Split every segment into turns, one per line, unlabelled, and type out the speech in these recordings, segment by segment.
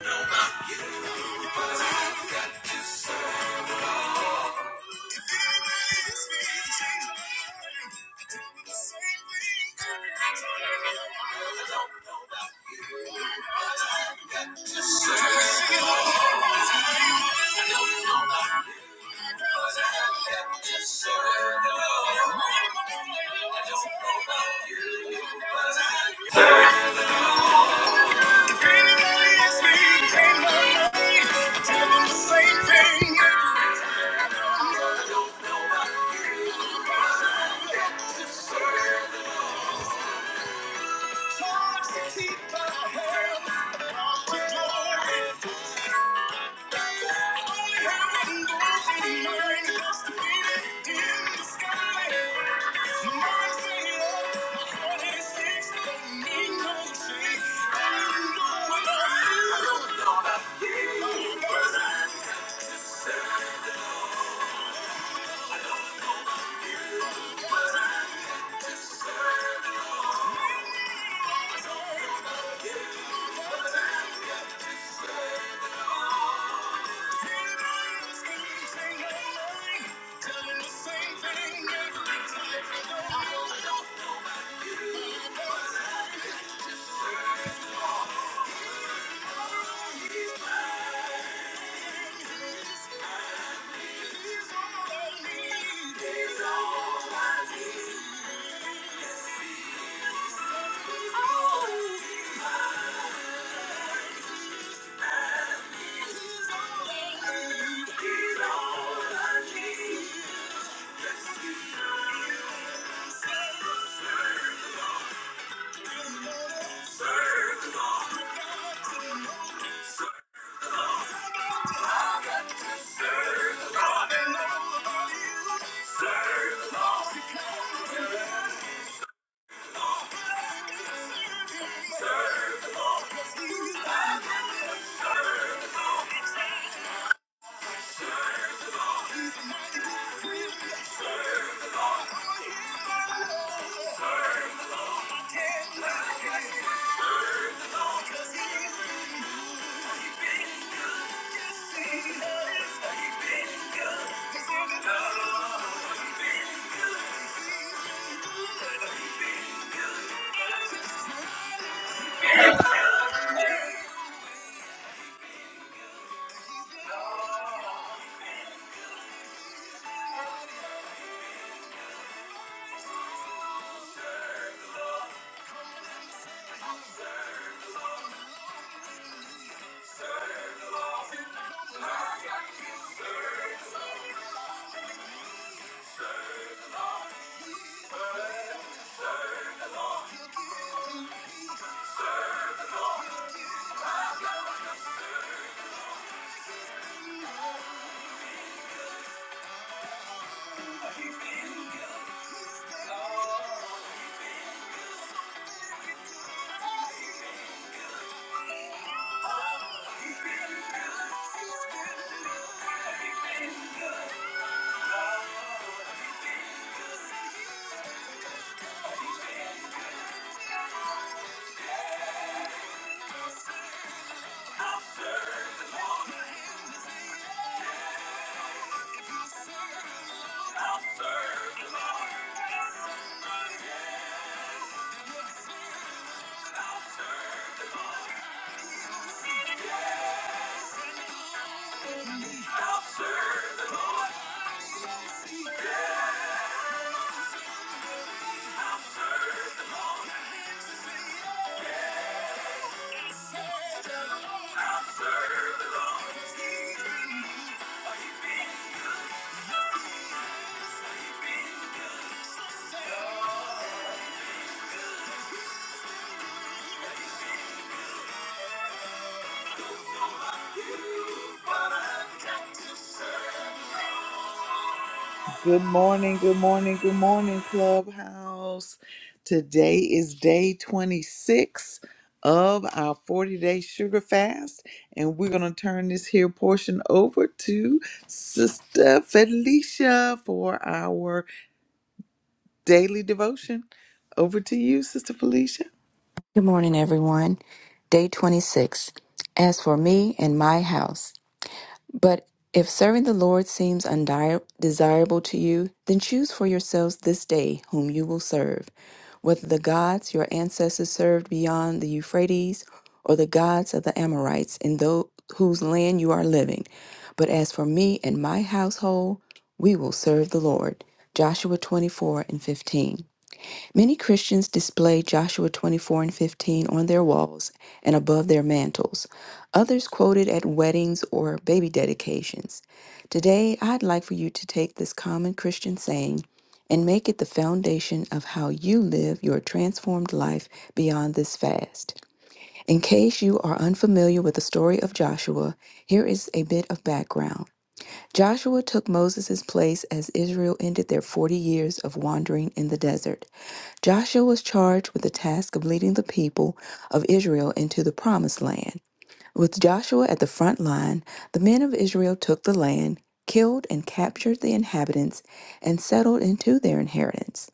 Serve the Lord. I don't Thank you. He's all I need. Serve the good. He's been good. I'll serve the Lord. I'll serve the Lord. Yeah, I'll serve the Lord. Yeah, I'll serve the Lord. I'll serve the Lord. Oh, but I Good morning, good morning, good morning, Clubhouse. Today is day 26 of our 40 day sugar fast, and we're going to turn this here portion over to Sister Felicia for our daily devotion. Over to you, Sister Felicia.
Good morning, everyone. Day 26. As for me and my house, but if serving the Lord seems undesirable to you, then choose for yourselves this day whom you will serve, whether the gods your ancestors served beyond the Euphrates or the gods of the Amorites in those whose land you are living. But as for me and my household, we will serve the Lord. Joshua 24 and 15. Many Christians display Joshua 24 and 15 on their walls and above their mantles. Others quote it at weddings or baby dedications. Today, I'd like for you to take this common Christian saying and make it the foundation of how you live your transformed life beyond this fast. In case you are unfamiliar with the story of Joshua, here is a bit of background. Joshua took Moses' place as Israel ended their 40 years of wandering in the desert. Joshua was charged with the task of leading the people of Israel into the promised land. With Joshua at the front line, the men of Israel took the land, killed and captured the inhabitants, and settled into their inheritance.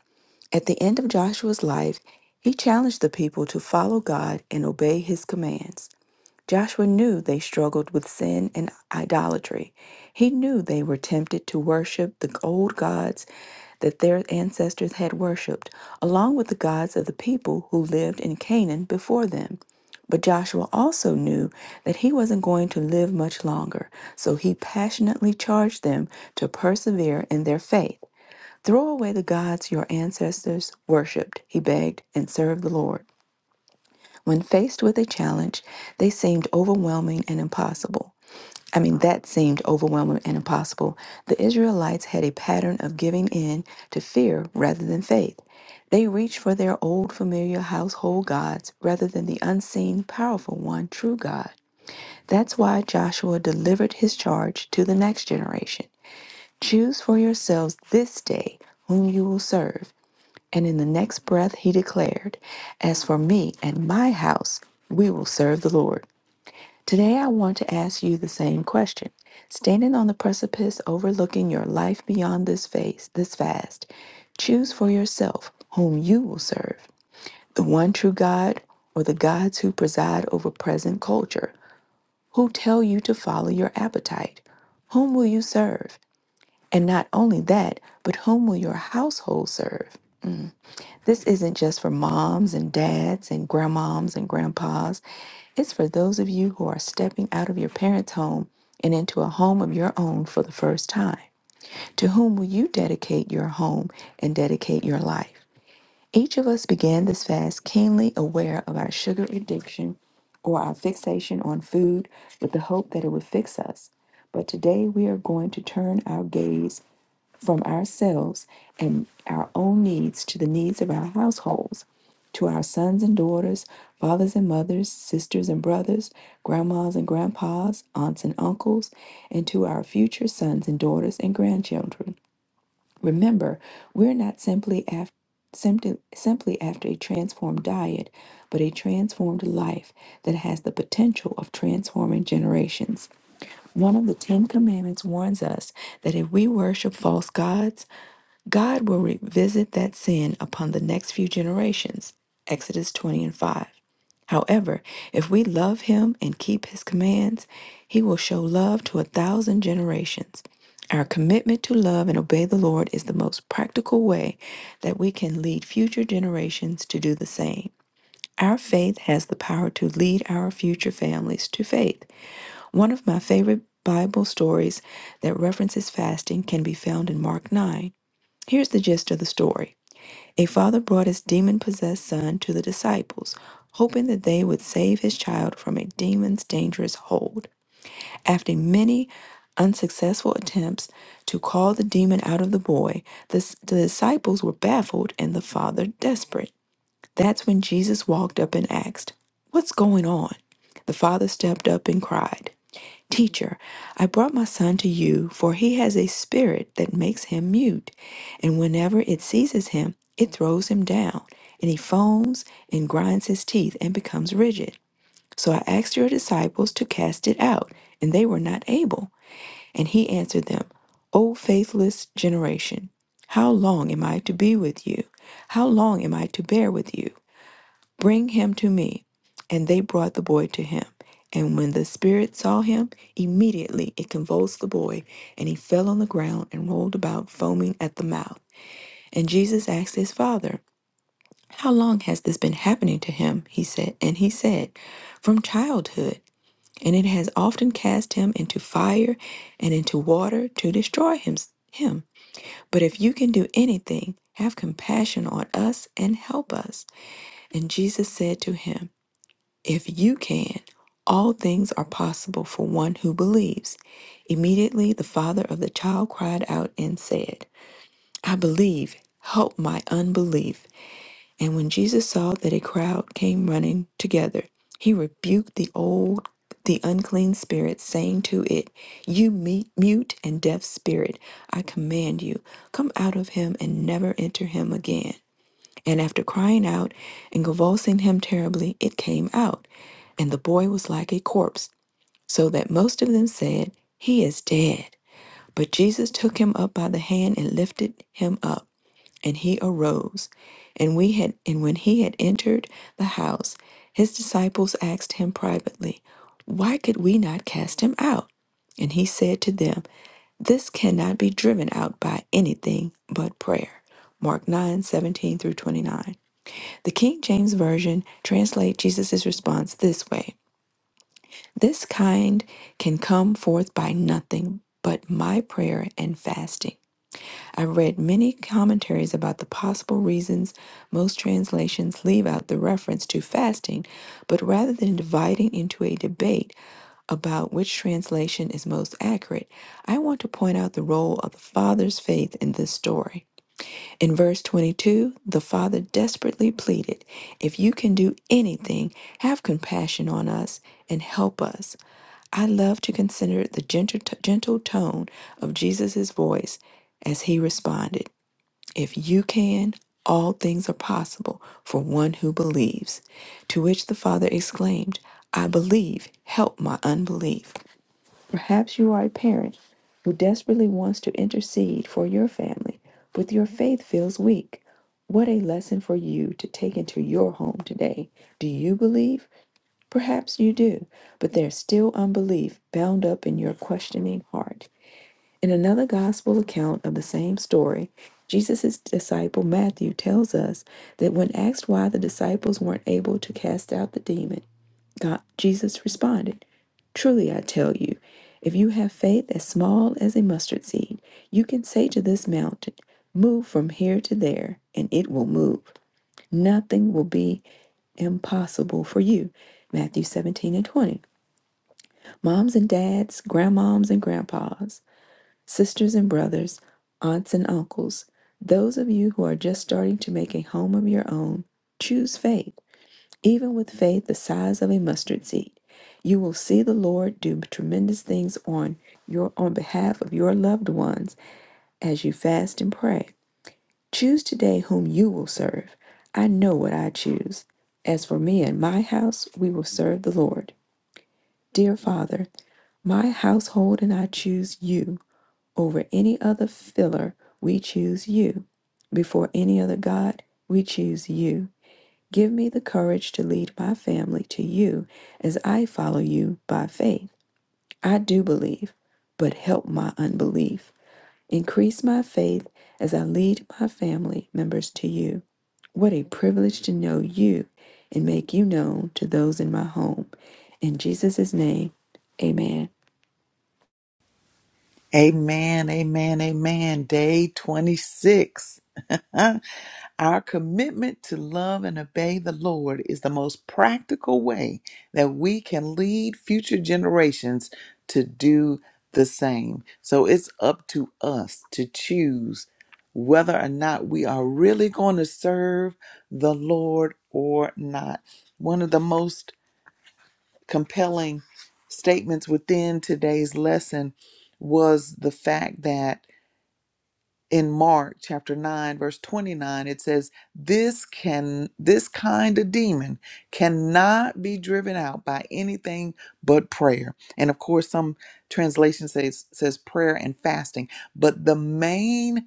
At the end of Joshua's life, he challenged the people to follow God and obey his commands. Joshua knew they struggled with sin and idolatry. He knew they were tempted to worship the old gods that their ancestors had worshiped, along with the gods of the people who lived in Canaan before them. But Joshua also knew that he wasn't going to live much longer, so he passionately charged them to persevere in their faith. Throw away the gods your ancestors worshipped, he begged, and serve the Lord. When faced with a challenge, they seemed overwhelming and impossible. I mean, that seemed overwhelming and impossible. The Israelites had a pattern of giving in to fear rather than faith. They reached for their old familiar household gods rather than the unseen, powerful one, true God. That's why Joshua delivered his charge to the next generation Choose for yourselves this day whom you will serve. And in the next breath, he declared, As for me and my house, we will serve the Lord. Today, I want to ask you the same question. Standing on the precipice overlooking your life beyond this phase, this fast, choose for yourself whom you will serve the one true God or the gods who preside over present culture, who tell you to follow your appetite. Whom will you serve? And not only that, but whom will your household serve? This isn't just for moms and dads and grandmoms and grandpas. It's for those of you who are stepping out of your parents' home and into a home of your own for the first time. To whom will you dedicate your home and dedicate your life? Each of us began this fast keenly aware of our sugar addiction or our fixation on food with the hope that it would fix us. But today we are going to turn our gaze from ourselves and our own needs to the needs of our households, to our sons and daughters, fathers and mothers, sisters and brothers, grandmas and grandpas, aunts and uncles, and to our future sons and daughters and grandchildren. Remember, we're not simply after. Simply, simply after a transformed diet, but a transformed life that has the potential of transforming generations. One of the Ten Commandments warns us that if we worship false gods, God will revisit that sin upon the next few generations. Exodus 20 and 5. However, if we love him and keep his commands, he will show love to a thousand generations. Our commitment to love and obey the Lord is the most practical way that we can lead future generations to do the same. Our faith has the power to lead our future families to faith. One of my favorite Bible stories that references fasting can be found in Mark 9. Here's the gist of the story. A father brought his demon possessed son to the disciples, hoping that they would save his child from a demon's dangerous hold. After many unsuccessful attempts to call the demon out of the boy, the, s- the disciples were baffled and the father desperate. That's when Jesus walked up and asked, What's going on? The father stepped up and cried. Teacher, I brought my son to you, for he has a spirit that makes him mute, and whenever it seizes him, it throws him down, and he foams and grinds his teeth and becomes rigid. So I asked your disciples to cast it out, and they were not able. And he answered them, O faithless generation, how long am I to be with you? How long am I to bear with you? Bring him to me. And they brought the boy to him. And when the spirit saw him, immediately it convulsed the boy, and he fell on the ground and rolled about, foaming at the mouth. And Jesus asked his father, How long has this been happening to him? He said, and he said, From childhood. And it has often cast him into fire and into water to destroy him. him. But if you can do anything, have compassion on us and help us. And Jesus said to him, if you can, all things are possible for one who believes. Immediately the father of the child cried out and said, I believe, help my unbelief. And when Jesus saw that a crowd came running together, he rebuked the old, the unclean spirit, saying to it, You me- mute and deaf spirit, I command you, come out of him and never enter him again. And after crying out and convulsing him terribly, it came out, and the boy was like a corpse, so that most of them said, He is dead. But Jesus took him up by the hand and lifted him up, and he arose. And we had and when he had entered the house, his disciples asked him privately, Why could we not cast him out? And he said to them, This cannot be driven out by anything but prayer. Mark nine seventeen through 29. The King James Version translate Jesus' response this way This kind can come forth by nothing but my prayer and fasting. I've read many commentaries about the possible reasons most translations leave out the reference to fasting, but rather than dividing into a debate about which translation is most accurate, I want to point out the role of the Father's faith in this story. In verse 22, the father desperately pleaded, If you can do anything, have compassion on us and help us. I love to consider the gentle, gentle tone of Jesus' voice as he responded, If you can, all things are possible for one who believes. To which the father exclaimed, I believe, help my unbelief. Perhaps you are a parent who desperately wants to intercede for your family, but your faith feels weak. What a lesson for you to take into your home today. Do you believe? Perhaps you do, but there's still unbelief bound up in your questioning heart. In another gospel account of the same story, Jesus' disciple Matthew tells us that when asked why the disciples weren't able to cast out the demon, God, Jesus responded. Truly, I tell you, if you have faith as small as a mustard seed, you can say to this mountain, Move from here to there, and it will move. Nothing will be impossible for you. Matthew 17 and 20. Moms and dads, grandmoms and grandpas, sisters and brothers, aunts and uncles, those of you who are just starting to make a home of your own, choose faith. Even with faith the size of a mustard seed, you will see the Lord do tremendous things on your on behalf of your loved ones as you fast and pray. Choose today whom you will serve. I know what I choose. As for me and my house, we will serve the Lord. Dear Father, my household and I choose you over any other filler. We choose you. Before any other God, we choose you. Give me the courage to lead my family to you as I follow you by faith. I do believe, but help my unbelief. Increase my faith as I lead my family members to you. What a privilege to know you and make you known to those in my home. In Jesus' name, amen.
Amen, amen, amen. Day 26. Our commitment to love and obey the Lord is the most practical way that we can lead future generations to do the same. So it's up to us to choose whether or not we are really going to serve the Lord or not. One of the most compelling statements within today's lesson was the fact that in Mark chapter 9 verse 29 it says this can this kind of demon cannot be driven out by anything but prayer and of course some translation says says prayer and fasting but the main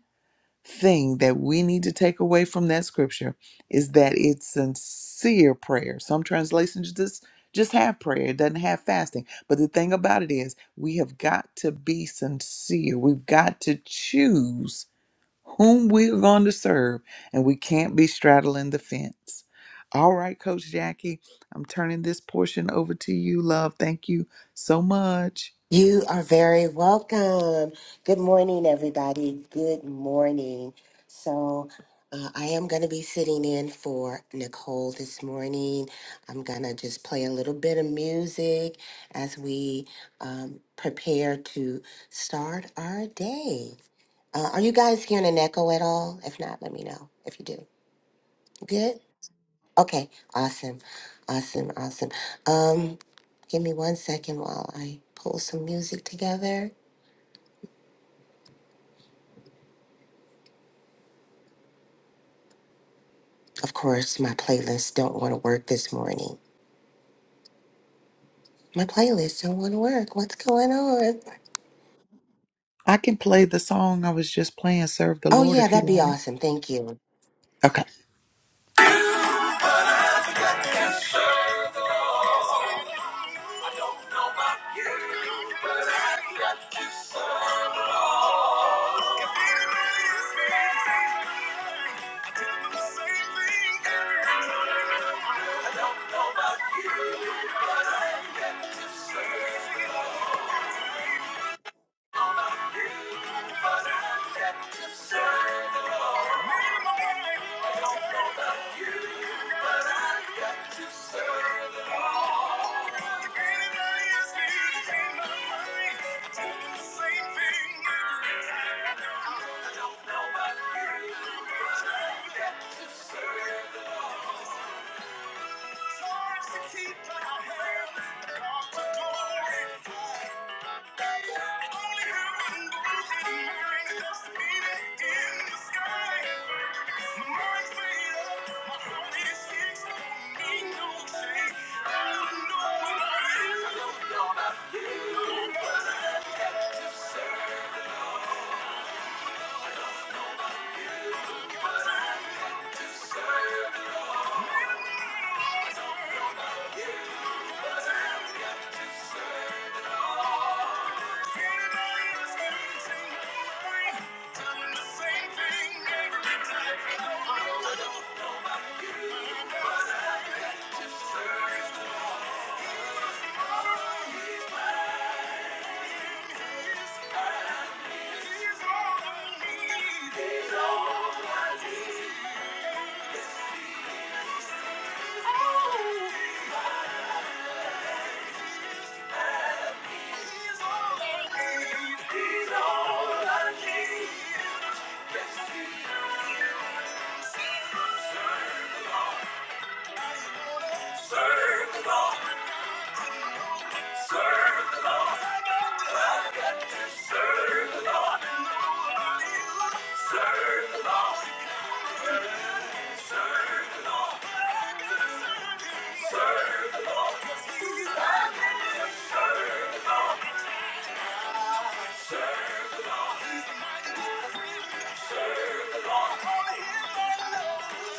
thing that we need to take away from that scripture is that it's sincere prayer. Some translations just just have prayer, it doesn't have fasting. But the thing about it is, we have got to be sincere. We've got to choose whom we're going to serve, and we can't be straddling the fence. All right, Coach Jackie, I'm turning this portion over to you, love. Thank you so much.
You are very welcome. Good morning, everybody. Good morning. So, uh, I am going to be sitting in for Nicole this morning. I'm going to just play a little bit of music as we um, prepare to start our day. Uh, are you guys hearing an echo at all? If not, let me know if you do. Good? Okay. Awesome. Awesome. Awesome. Um, give me one second while I pull some music together. Of course, my playlists don't want to work this morning. My playlists don't want to work. What's going on?
I can play the song I was just playing, Serve the
Oh,
Lord,
yeah,
if you
that'd be
like.
awesome. Thank you.
Okay. I don't know what it is to serve the Lord. Yeah. Yes, he is. I wanna hear my love.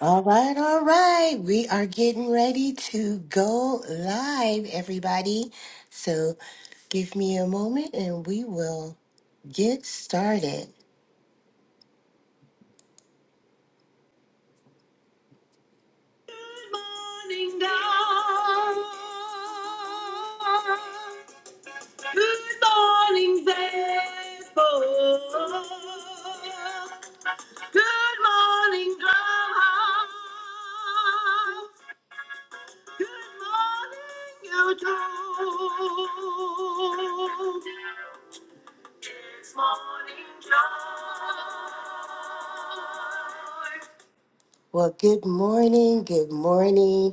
All right, all right. We are getting ready to go live, everybody. So give me a moment and we will get started. Good morning, dawn. Good morning, faithful. Good morning, Clubhouse. Good morning, YouTube. It's morning, joy. Well, good morning, good morning.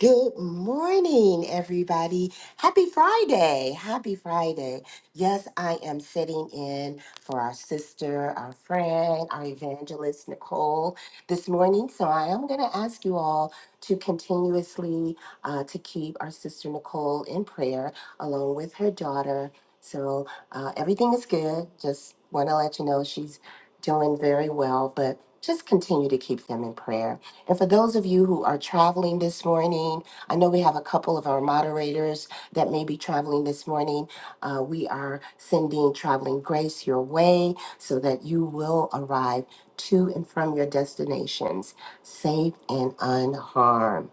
Good morning, everybody. Happy Friday. Happy Friday. Yes, I am sitting in for our sister, our friend, our evangelist, Nicole, this morning. So I am going to ask you all to continuously uh, to keep our sister Nicole in prayer along with her daughter. So uh, everything is good. Just want to let you know she's doing very well, but just continue to keep them in prayer. And for those of you who are traveling this morning, I know we have a couple of our moderators that may be traveling this morning. Uh, we are sending traveling grace your way so that you will arrive to and from your destinations safe and unharmed.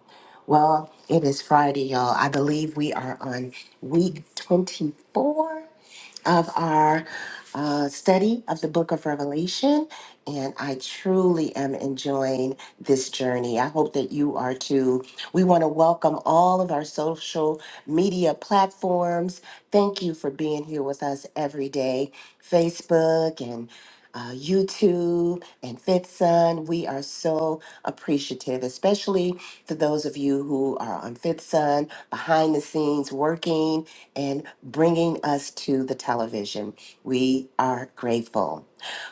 Well, it is Friday, y'all. I believe we are on week 24 of our uh, study of the book of Revelation, and I truly am enjoying this journey. I hope that you are too. We want to welcome all of our social media platforms. Thank you for being here with us every day Facebook and uh, you two and FitSun. We are so appreciative, especially for those of you who are on FitSun, behind the scenes working and bringing us to the television. We are grateful.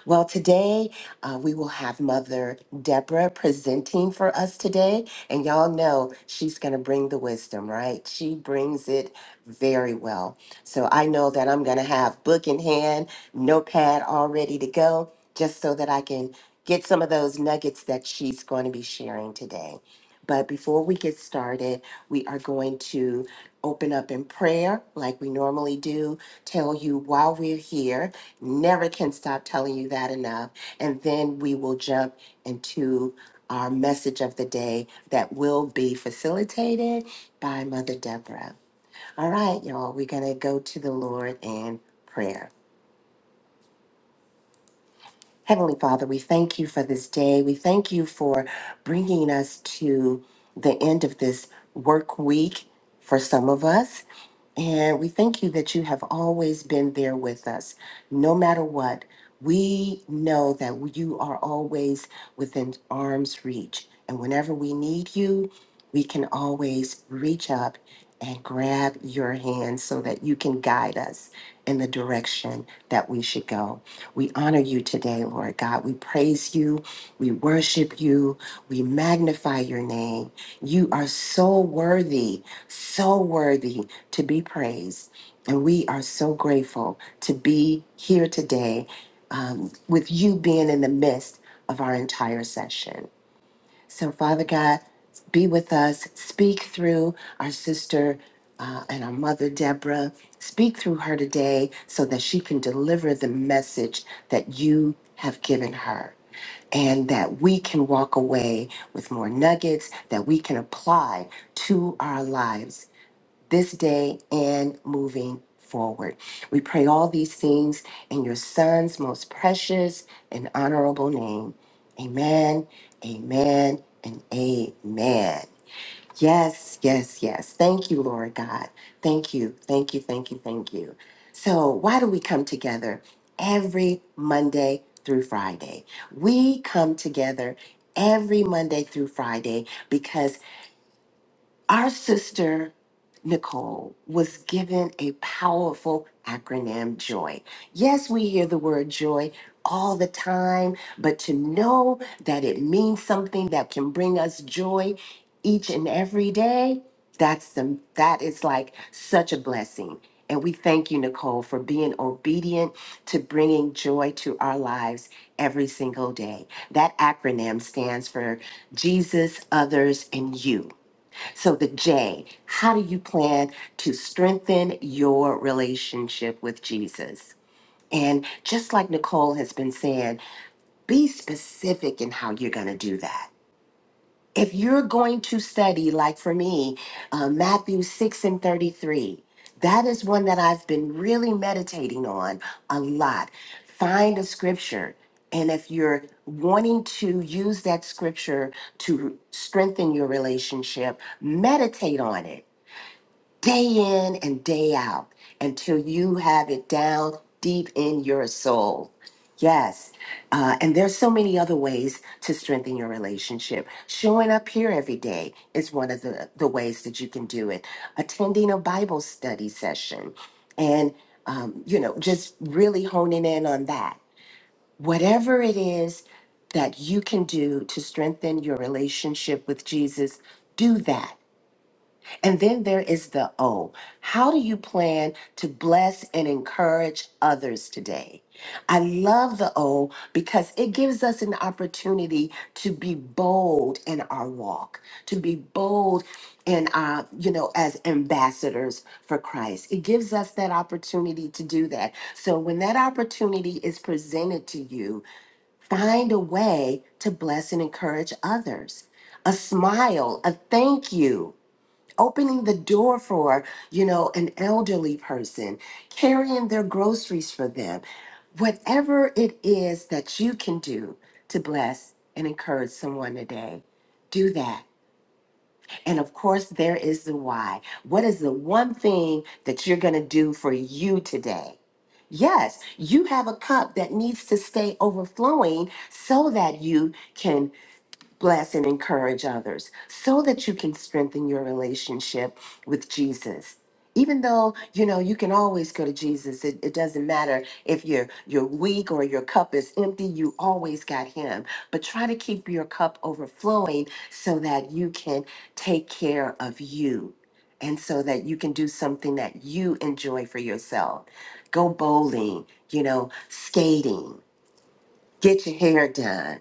Well, today uh, we will have Mother Deborah presenting for us today. And y'all know she's going to bring the wisdom, right? She brings it very well. So I know that I'm going to have book in hand, notepad all ready to go, just so that I can get some of those nuggets that she's going to be sharing today. But before we get started, we are going to open up in prayer like we normally do, tell you while we're here. Never can stop telling you that enough. And then we will jump into our message of the day that will be facilitated by Mother Deborah. All right, y'all, we're going to go to the Lord in prayer. Heavenly Father, we thank you for this day. We thank you for bringing us to the end of this work week for some of us. And we thank you that you have always been there with us, no matter what. We know that you are always within arm's reach. And whenever we need you, we can always reach up and grab your hand so that you can guide us in the direction that we should go. We honor you today, Lord God. We praise you. We worship you. We magnify your name. You are so worthy so worthy to be praised. And we are so grateful to be here today um, with you being in the midst of our entire session. So, Father God, be with us. Speak through our sister uh, and our mother, Deborah. Speak through her today so that she can deliver the message that you have given her and that we can walk away with more nuggets that we can apply to our lives this day and moving forward. We pray all these things in your son's most precious and honorable name. Amen, amen, and amen. Yes, yes, yes. Thank you, Lord God. Thank you, thank you, thank you, thank you. So, why do we come together every Monday through Friday? We come together every Monday through Friday because. Our sister Nicole was given a powerful acronym, JOY. Yes, we hear the word joy all the time, but to know that it means something that can bring us joy each and every day, that's the, that is like such a blessing. And we thank you, Nicole, for being obedient to bringing joy to our lives every single day. That acronym stands for Jesus, others, and you. So, the J, how do you plan to strengthen your relationship with Jesus? And just like Nicole has been saying, be specific in how you're going to do that. If you're going to study, like for me, uh, Matthew 6 and 33, that is one that I've been really meditating on a lot. Find a scripture. And if you're wanting to use that scripture to strengthen your relationship, meditate on it day in and day out until you have it down deep in your soul. Yes. Uh, and there's so many other ways to strengthen your relationship. Showing up here every day is one of the, the ways that you can do it. Attending a Bible study session and, um, you know, just really honing in on that. Whatever it is that you can do to strengthen your relationship with Jesus, do that and then there is the O. How do you plan to bless and encourage others today? I love the O because it gives us an opportunity to be bold in our walk, to be bold in our, you know, as ambassadors for Christ. It gives us that opportunity to do that. So when that opportunity is presented to you, find a way to bless and encourage others. A smile, a thank you opening the door for, you know, an elderly person, carrying their groceries for them. Whatever it is that you can do to bless and encourage someone today, do that. And of course, there is the why. What is the one thing that you're going to do for you today? Yes, you have a cup that needs to stay overflowing so that you can bless and encourage others so that you can strengthen your relationship with Jesus. Even though, you know, you can always go to Jesus. It, it doesn't matter if you're you're weak or your cup is empty, you always got him. But try to keep your cup overflowing so that you can take care of you and so that you can do something that you enjoy for yourself. Go bowling, you know, skating, get your hair done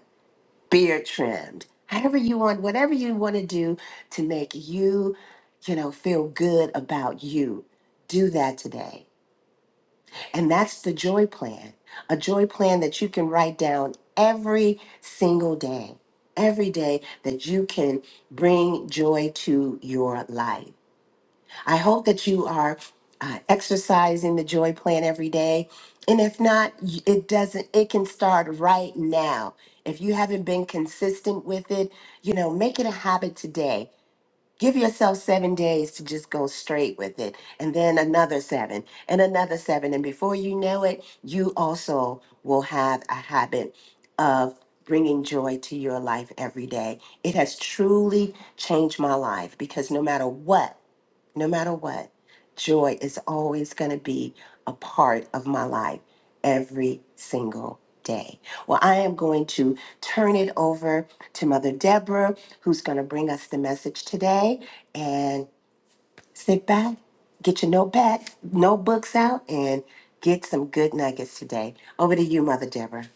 beard trimmed, however you want, whatever you want to do to make you, you know, feel good about you. Do that today. And that's the joy plan, a joy plan that you can write down every single day, every day that you can bring joy to your life. I hope that you are uh, exercising the joy plan every day. And if not, y- it doesn't, it can start right now. If you haven't been consistent with it, you know, make it a habit today. Give yourself seven days to just go straight with it, and then another seven, and another seven. And before you know it, you also will have a habit of bringing joy to your life every day. It has truly changed my life because no matter what, no matter what, joy is always going to be a part of my life every single day. Well, I am going to turn it over to Mother Deborah, who's going to bring us the message today. And sit back, get your notepad, notebooks out, and get some good nuggets today. Over to you, Mother Deborah.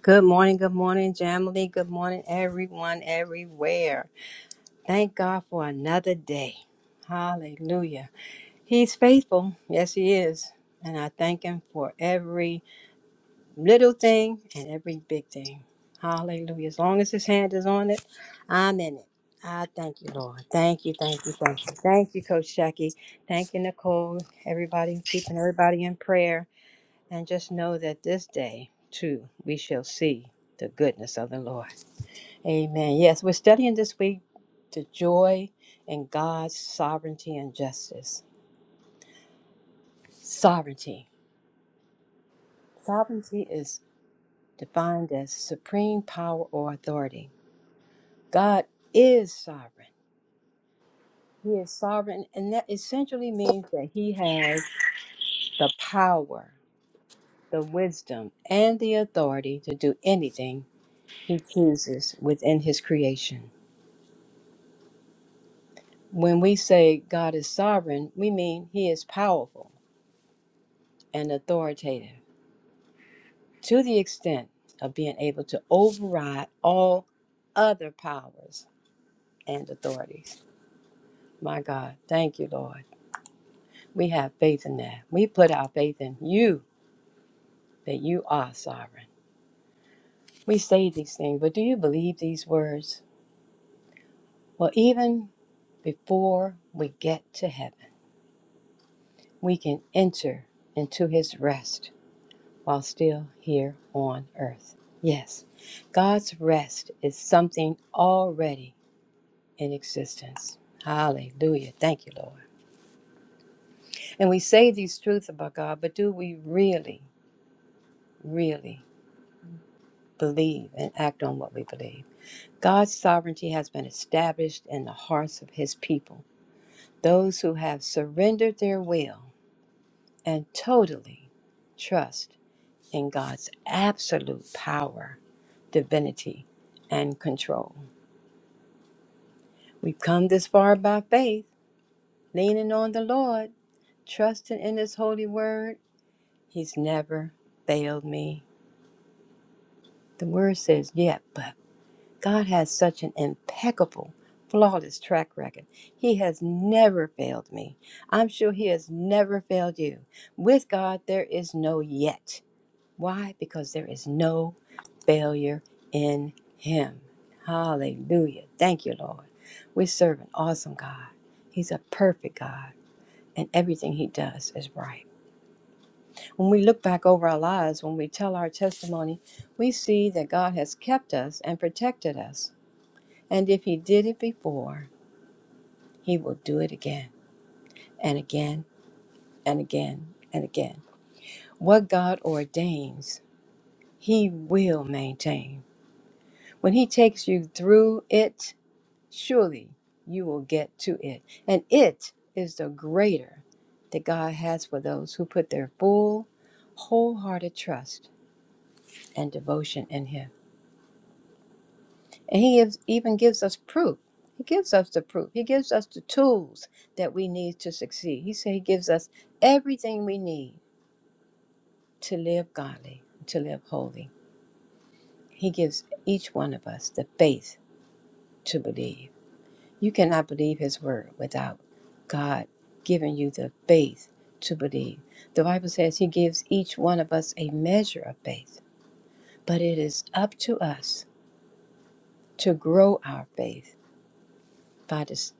Good morning, good morning, Jamily. Good morning, everyone, everywhere. Thank God for another day. Hallelujah. He's faithful. Yes, He is. And I thank Him for every little thing and every big thing. Hallelujah. As long as His hand is on it, I'm in it. I thank you, Lord. Thank you, thank you, thank you. Thank you, Coach Jackie. Thank you, Nicole. Everybody, keeping everybody in prayer. And just know that this day, too, we shall see the goodness of the Lord. Amen. Yes, we're studying this week the joy in God's sovereignty and justice. Sovereignty. Sovereignty is defined as supreme power or authority. God is sovereign. He is sovereign, and that essentially means that He has the power, the wisdom, and the authority to do anything He chooses within His creation. When we say God is sovereign, we mean He is powerful and authoritative. to the extent of being able to override all other powers and authorities. My God, thank you, Lord. We have faith in that. We put our faith in you, that you are sovereign. We say these things, but do you believe these words? Well, even before we get to heaven, we can enter into his rest while still here on earth. Yes, God's rest is something already in existence. Hallelujah. Thank you, Lord. And we say these truths about God, but do we really, really believe and act on what we believe? God's sovereignty has been established in the hearts of his people, those who have surrendered their will and totally trust in God's absolute power, divinity, and control. We've come this far by faith, leaning on the Lord, trusting in his holy word He's never failed me. The word says yet, but God has such an impeccable, flawless track record. He has never failed me. I'm sure He has never failed you. With God, there is no yet. Why? Because there is no failure in Him. Hallelujah. Thank you, Lord. We serve an awesome God. He's a perfect God, and everything He does is right. When we look back over our lives, when we tell our testimony, we see that God has kept us and protected us. And if He did it before, He will do it again and again and again and again. What God ordains, He will maintain. When He takes you through it, surely you will get to it. And it is the greater that God has for those who put their full, wholehearted trust and devotion in Him. And he gives, even gives us proof. He gives us the proof. He gives us the tools that we need to succeed. He said he gives us everything we need to live godly, to live holy. He gives each one of us the faith to believe. You cannot believe his word without God giving you the faith to believe. The Bible says he gives each one of us a measure of faith, but it is up to us to grow our faith by this,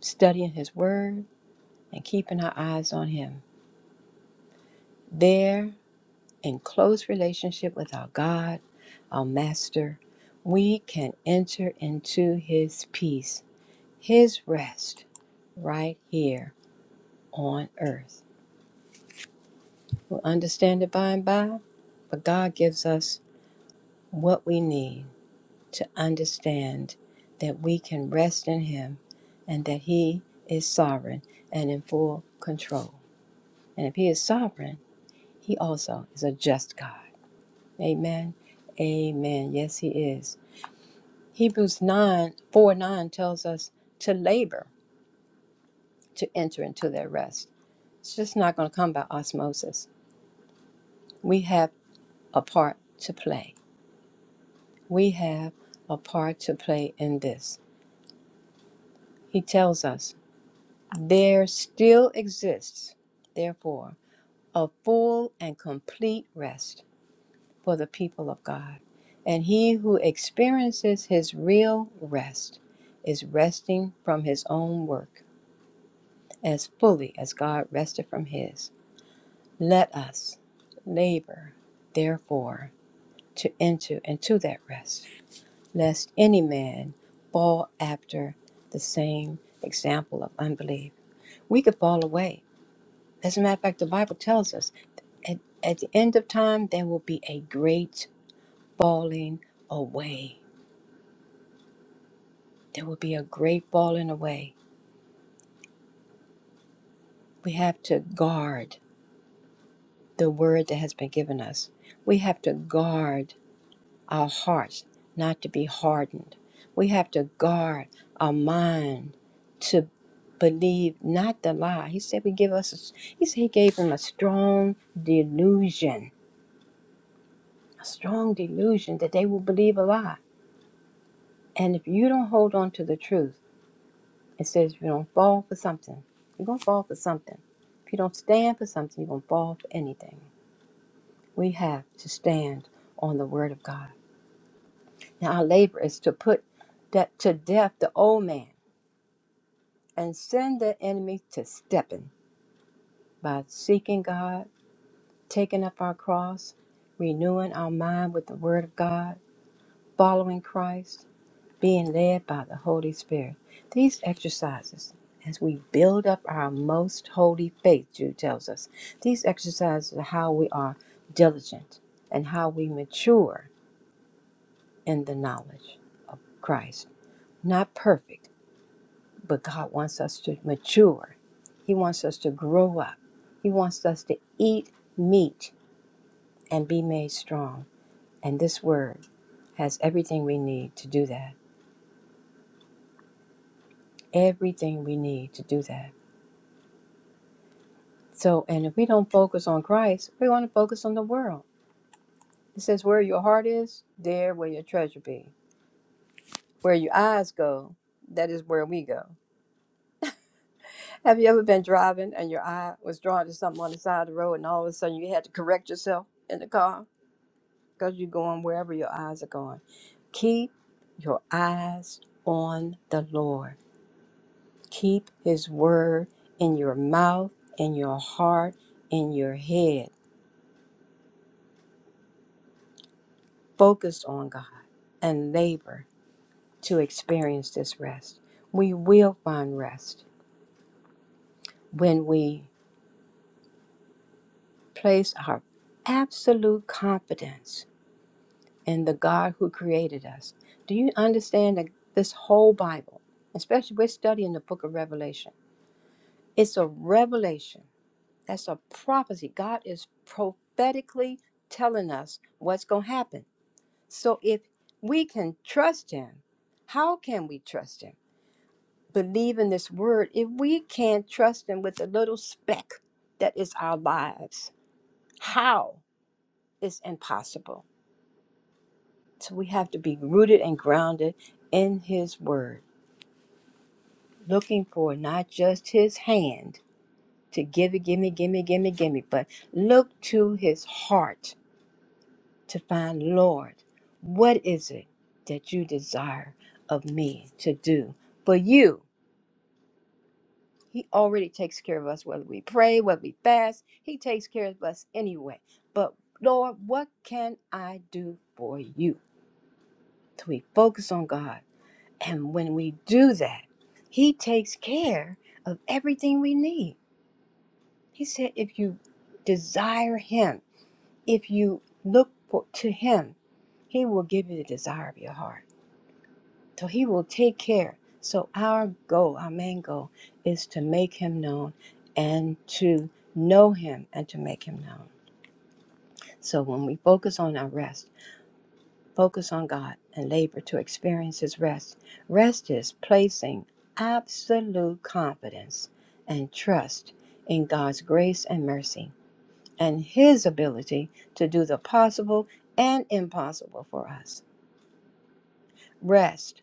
studying his word and keeping our eyes on Him. There, in close relationship with our God, our Master, we can enter into His peace, His rest, right here on earth. We'll understand it by and by, but God gives us what we need to understand that we can rest in Him and that He is sovereign and in full control. And if He is sovereign, He also is a just God. Amen. Amen. Yes, he is. Hebrews 9 4 9 tells us to labor to enter into their rest. It's just not going to come by osmosis. We have a part to play. We have a part to play in this. He tells us there still exists, therefore, a full and complete rest for the people of God. And he who experiences his real rest is resting from his own work as fully as God rested from his. Let us labor, therefore, to enter into that rest, lest any man fall after the same example of unbelief. We could fall away. As a matter of fact, the Bible tells us at, at the end of time, there will be a great falling away There will be a great falling away. We have to guard the word that has been given us. We have to guard our hearts not to be hardened. We have to guard our mind to believe not the lie. He said we give us he said he gave them a strong delusion, a strong delusion that they will believe a lie. And if you don't hold on to the truth, It says if you don't fall for something, you're going to fall for something. If you don't stand for something, you're going to fall for anything. We have to stand on the word of God. Now, our labor is to put that to death the old man and send the enemy to stepping by seeking God, taking up our cross, renewing our mind with the word of God, following Christ, being led by the Holy Spirit. These exercises, as we build up our most holy faith, Jude tells us, these exercises are how we are diligent and how we mature in the knowledge of Christ. Not perfect, but God wants us to mature. He wants us to grow up. He wants us to eat meat and be made strong. And this word has everything we need to do that. Everything we need to do that. So, and if we don't focus on Christ, we want to focus on the world. It says, where your heart is, there will your treasure be. Where your eyes go, that is where we go. Have you ever been driving and your eye was drawn to something on the side of the road and all of a sudden you had to correct yourself in the car because you're going wherever your eyes are going? Keep your eyes on the Lord. Keep His word in your mouth, in your heart, in your head. Focus on God and labor. to experience this rest. We will find rest when we place our absolute confidence in the God who created us. Do you understand that this whole Bible, especially we're studying the book of Revelation, it's a revelation. That's a prophecy. God is prophetically telling us what's going to happen. So if we can trust Him, how can we trust Him? believe in this word, if we can't trust Him with the little speck that is our lives, how is impossible? So we have to be rooted and grounded in His word, looking for not just His hand to gimme, gimme, gimme, gimme, gimme, but look to His heart to find, Lord, what is it that you desire of me to do for you? He already takes care of us, whether we pray, whether we fast. He takes care of us anyway. But Lord, what can I do for you? So we focus on God. And when we do that, He takes care of everything we need. He said, if you desire Him, if you look for, to Him, He will give you the desire of your heart. So he will take care. So our goal, our main goal, is to make him known and to know him and to make him known. So when we focus on our rest, focus on God and labor to experience his rest, rest is placing absolute confidence and trust in God's grace and mercy and his ability to do the possible and impossible for us. Rest.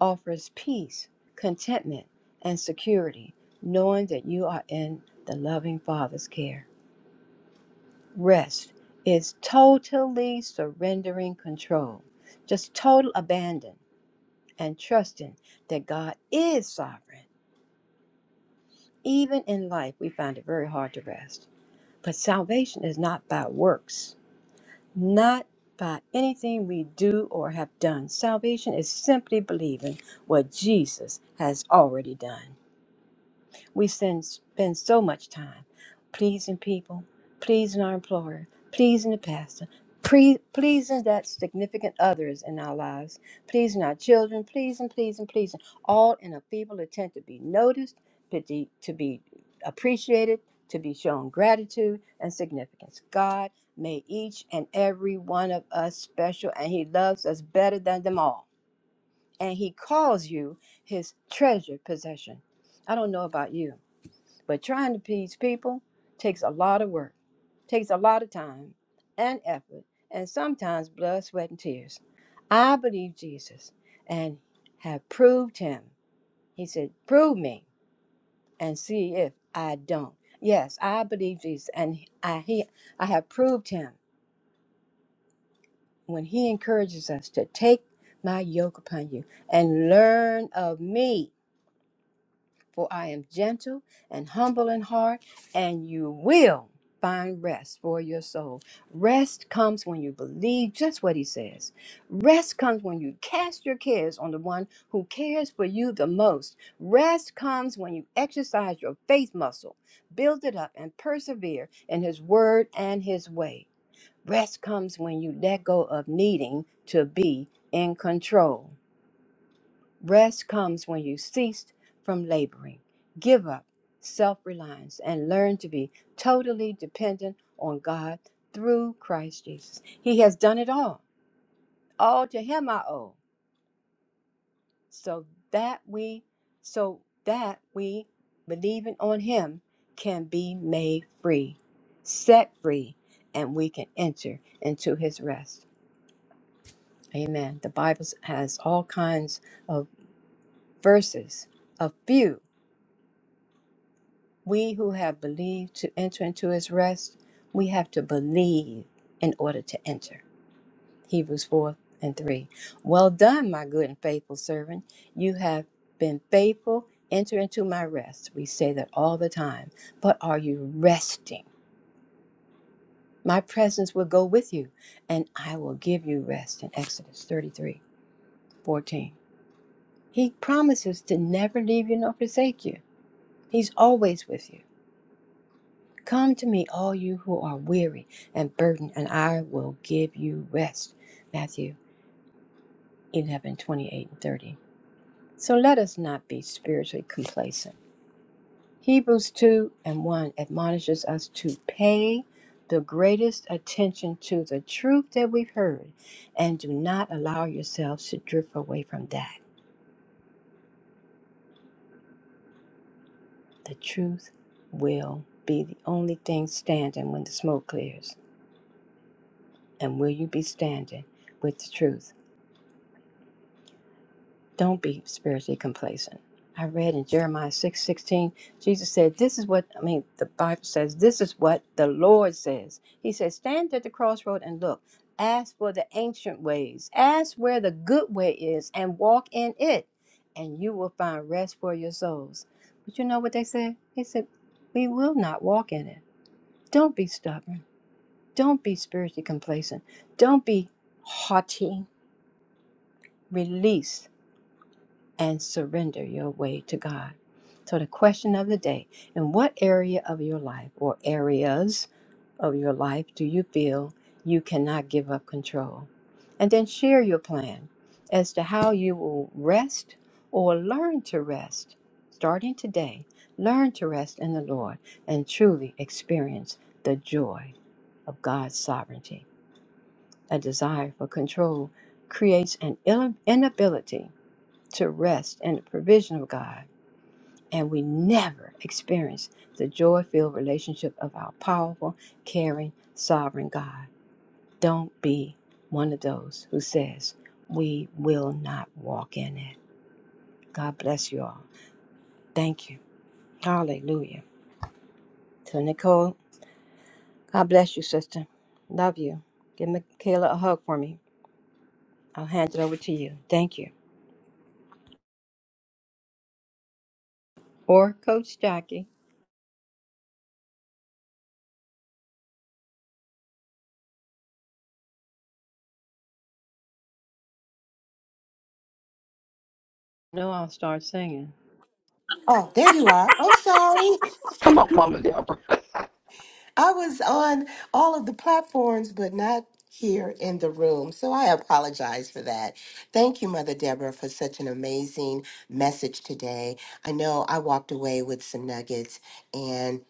offers peace, contentment, and security, knowing that you are in the loving Father's care. Rest is totally surrendering control, just total abandon and trusting that God is sovereign. Even in life, we find it very hard to rest. But salvation is not by works, not by anything we do or have done. Salvation is simply believing what Jesus has already done. We spend, spend so much time pleasing people, pleasing our employer, pleasing the pastor, pre- pleasing that significant others in our lives, pleasing our children, pleasing, pleasing, pleasing, all in a feeble attempt to be noticed, to, de- to be appreciated, to be shown gratitude and significance. God made each and every one of us special, and He loves us better than them all. And He calls you His treasured possession. I don't know about you but trying to please people takes a lot of work, takes a lot of time and effort, and sometimes blood, sweat, and tears. I believe Jesus and have proved him. He said, Prove me and see if I don't. Yes, I believe Jesus and I he I have proved him when he encourages us to take my yoke upon you and learn of me. For I am gentle and humble in heart, and you will find rest for your soul. Rest comes when you believe just what he says. Rest comes when you cast your cares on the one who cares for you the most. Rest comes when you exercise your faith muscle, build it up, and persevere in his word and his way. Rest comes when you let go of needing to be in control. Rest comes when you cease from laboring, give up self reliance, and learn to be totally dependent on God through Christ Jesus. He has done it all. All to him I owe. So that we so that we believing on him can be made free, set free, and we can enter into his rest. Amen. The Bible has all kinds of verses, a few. We who have believed to enter into his rest, we have to believe in order to enter. Hebrews 4 and 3. Well done, my good and faithful servant. You have been faithful. Enter into my rest. We say that all the time. But are you resting? My presence will go with you, and I will give you rest in Exodus 33:14, He promises to never leave you nor forsake you. He's always with you. Come to me, all you who are weary and burdened, and I will give you rest. Matthew 11 28 and 30. So let us not be spiritually complacent. Hebrews 2 and 1 admonishes us to pay the greatest attention to the truth that we've heard and do not allow yourselves to drift away from that. The truth will be the only thing standing when the smoke clears. And will you be standing with the truth? Don't be spiritually complacent. I read in Jeremiah six sixteen, Jesus said, This is what, I mean, the Bible says, this is what the Lord says. He says, Stand at the crossroad and look. Ask for the ancient ways. Ask where the good way is and walk in it, and you will find rest for your souls. But you know what they said? They said, We will not walk in it. Don't be stubborn. Don't be spiritually complacent. Don't be haughty. Release and surrender your way to God. So, the question of the day in what area of your life or areas of your life do you feel you cannot give up control? And then share your plan as to how you will rest or learn to rest. Starting today, learn to rest in the Lord and truly experience the joy of God's sovereignty. A desire for control creates an inability to rest in the provision of God, and we never experience the joy filled relationship of our powerful, caring, sovereign God. Don't be one of those who says, We will not walk in it. God bless you all. Thank you. Hallelujah. So, Nicole, God bless you, sister. Love you. Give Michaela a hug for me. I'll hand it over to you. Thank you. Or Coach Jackie. No, I'll start singing.
Oh, there you are. I'm sorry.
Come on, Mama Deborah.
I was on all of the platforms, but not here in the room. So I apologize for that. Thank you, Mother Deborah, for such an amazing message today. I know I walked away with some nuggets and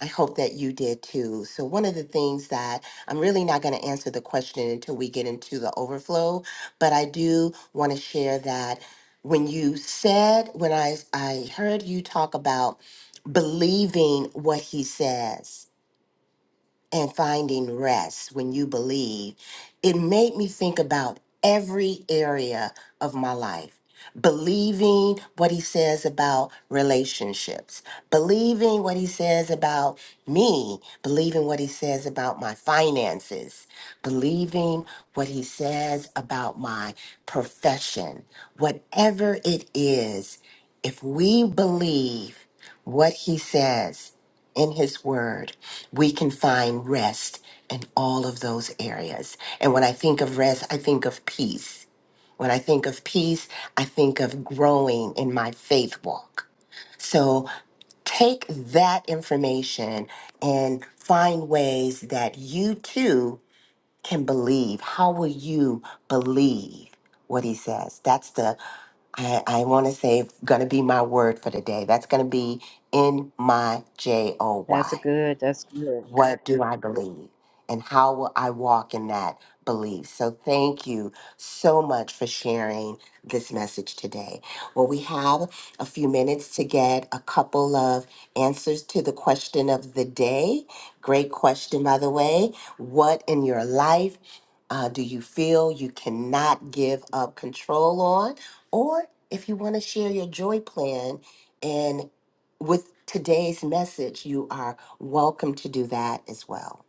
I hope that you did too. So, one of the things that I'm really not going to answer the question until we get into the overflow, but I do want to share that when you said, when I, I heard you talk about believing what he says, and finding rest when you believe, it made me think about every area of my life. Believing what he says about relationships, believing what he says about me, believing what he says about my finances, believing what he says about my profession, whatever it is, if we believe what he says, in His Word, we can find rest in all of those areas. And when I think of rest, I think of peace. When I think of peace, I think of growing in my faith walk. So take that information and find ways that you too can believe. How will you believe what He says? That's the I, I want to say going to be my word for the day. That's going to be in my J O
That's
Y.
good. That's good.
What do I believe? And how will I walk in that belief? So, thank you so much for sharing this message today. Well, we have a few minutes to get a couple of answers to the question of the day. Great question, by the way. What in your life uh, do you feel you cannot give up control on? Or if you want to share your joy plan, in with today's message, you are welcome to do that as well.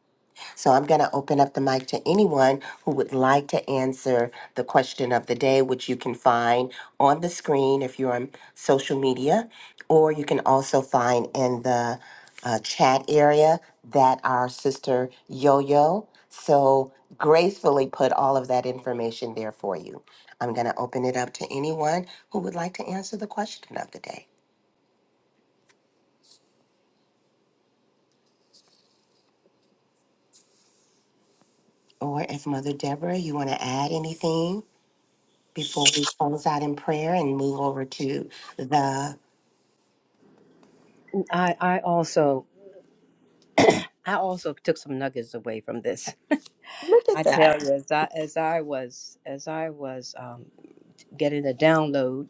So I'm going to open up the mic to anyone who would like to answer the question of the day, which you can find on the screen if you're on social media, or you can also find in the uh, chat area that our sister Yo Yo so gracefully put all of that information there for you. I'm going to open it up to anyone who would like to answer the question of the day. or if Mother Deborah, you want to add anything before we close out in prayer and move over to the.
I, I also I also took some nuggets away from this.
Look
I
at
tell
that.
you, as I as I was as I was um, getting a download,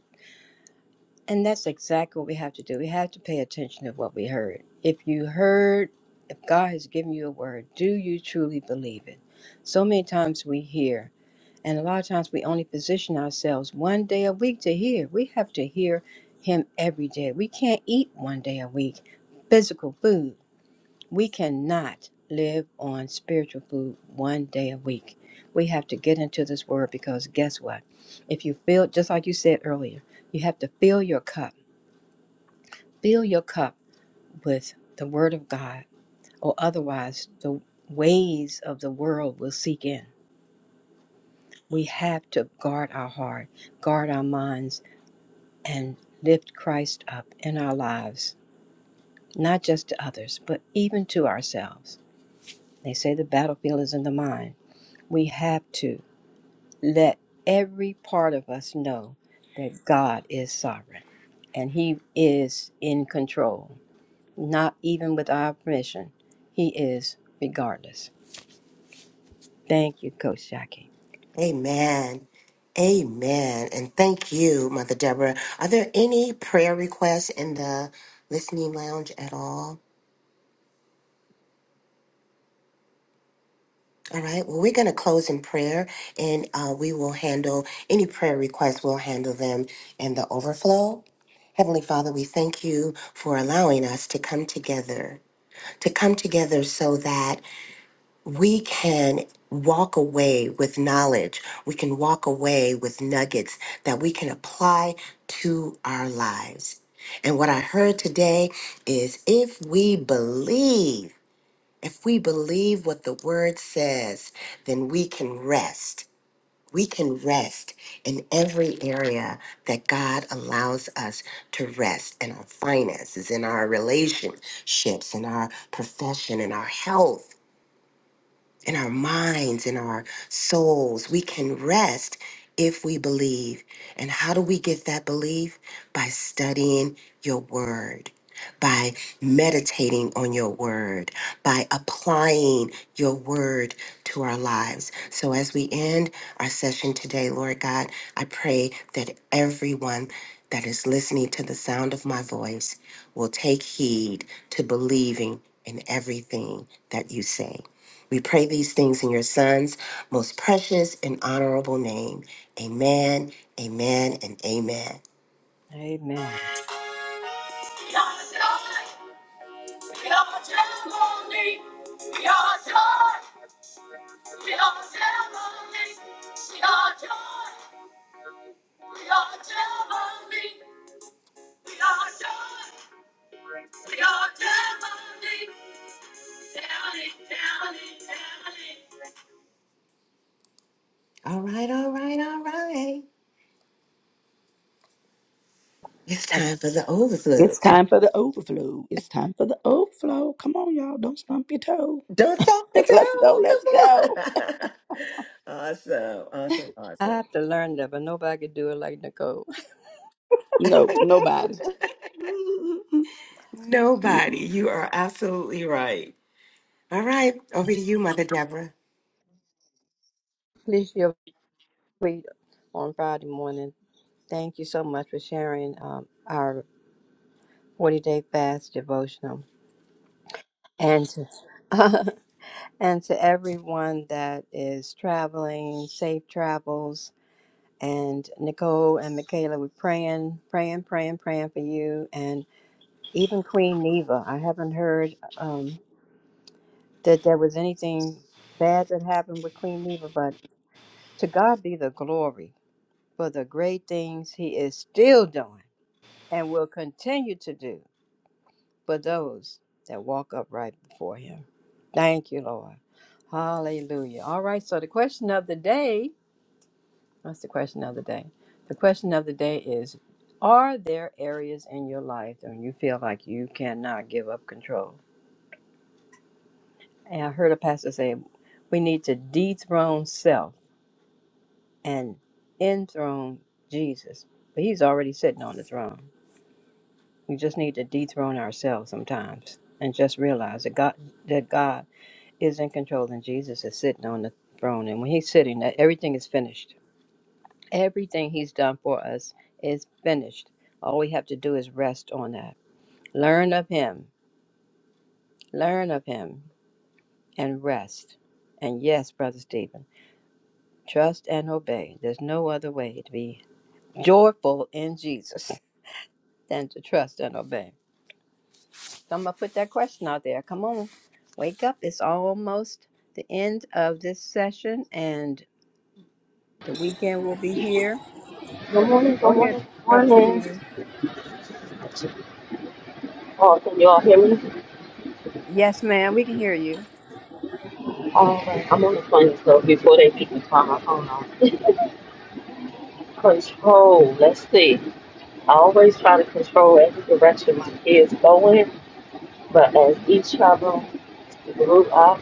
and that's exactly what we have to do. We have to pay attention to what we heard. If you heard, if God has given you a word, do you truly believe it? So many times we hear, and a lot of times we only position ourselves one day a week to hear. We have to hear Him every day. We can't eat one day a week, physical food We cannot live on spiritual food one day a week. We have to get into this word because guess what? If you fill, just like you said earlier, you have to fill your cup. Fill your cup with the word of God, or otherwise the ways of the world will seek in. We have to guard our heart, guard our minds, and lift Christ up in our lives, not just to others, but even to ourselves. They say the battlefield is in the mind. We have to. let every part of us know that God is sovereign and He is in control, not even with our permission. He is regardless. Thank you, Coach Jackie.
Amen. Amen. And thank you, Mother Deborah. Are there any prayer requests in the listening lounge at all? All right. Well, we're going to close in prayer and uh, we will handle any prayer requests, we'll handle them in the overflow. Heavenly Father, we thank you for allowing us to come together, to come together so that we can walk away with knowledge. We can walk away with nuggets that we can apply to our lives. And what I heard today is if we believe, if we believe what the word says, then we can rest. We can rest in every area that God allows us to rest in our finances, in our relationships, in our profession, in our health in our minds, in our souls. We can rest if we believe. And how do we get that belief? By studying your word, by meditating on your word, by applying your word to our lives. So as we end our session today, Lord God, I pray that everyone that is listening to the sound of my voice will take heed to believing in everything that you say. We pray these things in your Son's most precious and honorable name. Amen, amen, and amen.
Amen.
We are joy, we are testimony. We are joy, we are testimony. We are joy, we are testimony. We are joy, we are testimony. Family, family, family. All right, all right, all right. It's
I
time for the overflow.
It's time for the overflow. It's time for the overflow. Come on, y'all. Don't stump your toe.
Don't stop the
Let's go. Let's
girl.
go.
Come on. awesome. Awesome.
I have
Awesome.
to learn that, but nobody could do it like Nicole.
Nope. Nobody.
Nobody. You are absolutely right. All right. Over to you, Mother Deborah.
Please your tweet on Friday morning. Thank you so much for sharing um, our 40 day fast devotional. And to, and to everyone that is traveling, safe travels and Nicole and Michaela were praying, praying, praying, praying for you, and even Queen Neva. I haven't heard um, that there was anything bad that happened with Queen Neva, but to God be the glory for the great things He is still doing and will continue to do for those that walk upright before Him. Thank you, Lord. Hallelujah. All right, so the question of the day That's the question of the day. The question of the day is Are there areas in your life when you feel like you cannot give up control? And I heard a pastor say, We need to dethrone self and enthrone Jesus. But he's already sitting on the throne. We just need to dethrone ourselves sometimes and just realize that God, that God is in control and Jesus is sitting on the throne. And when he's sitting, that everything is finished. Everything He's done for us is finished. All we have to do is rest on that. Learn of Him, learn of Him, and rest. And yes, Brother Stephen, trust and obey. There's no other way to be joyful in Jesus than to trust and obey. So I'm going to put that question out there. Come on, wake up. It's almost the end of this session, and the weekend will be here.
Good morning, good
Go ahead,
morning,
Brother
good morning.
Stephen.
Oh, can you all hear me?
Yes, ma'am, we can hear you.
All right, I'm on the plane, so before they make me turn my phone off. control, let's see. I always try to control every direction my kids go in, but as each travel grew up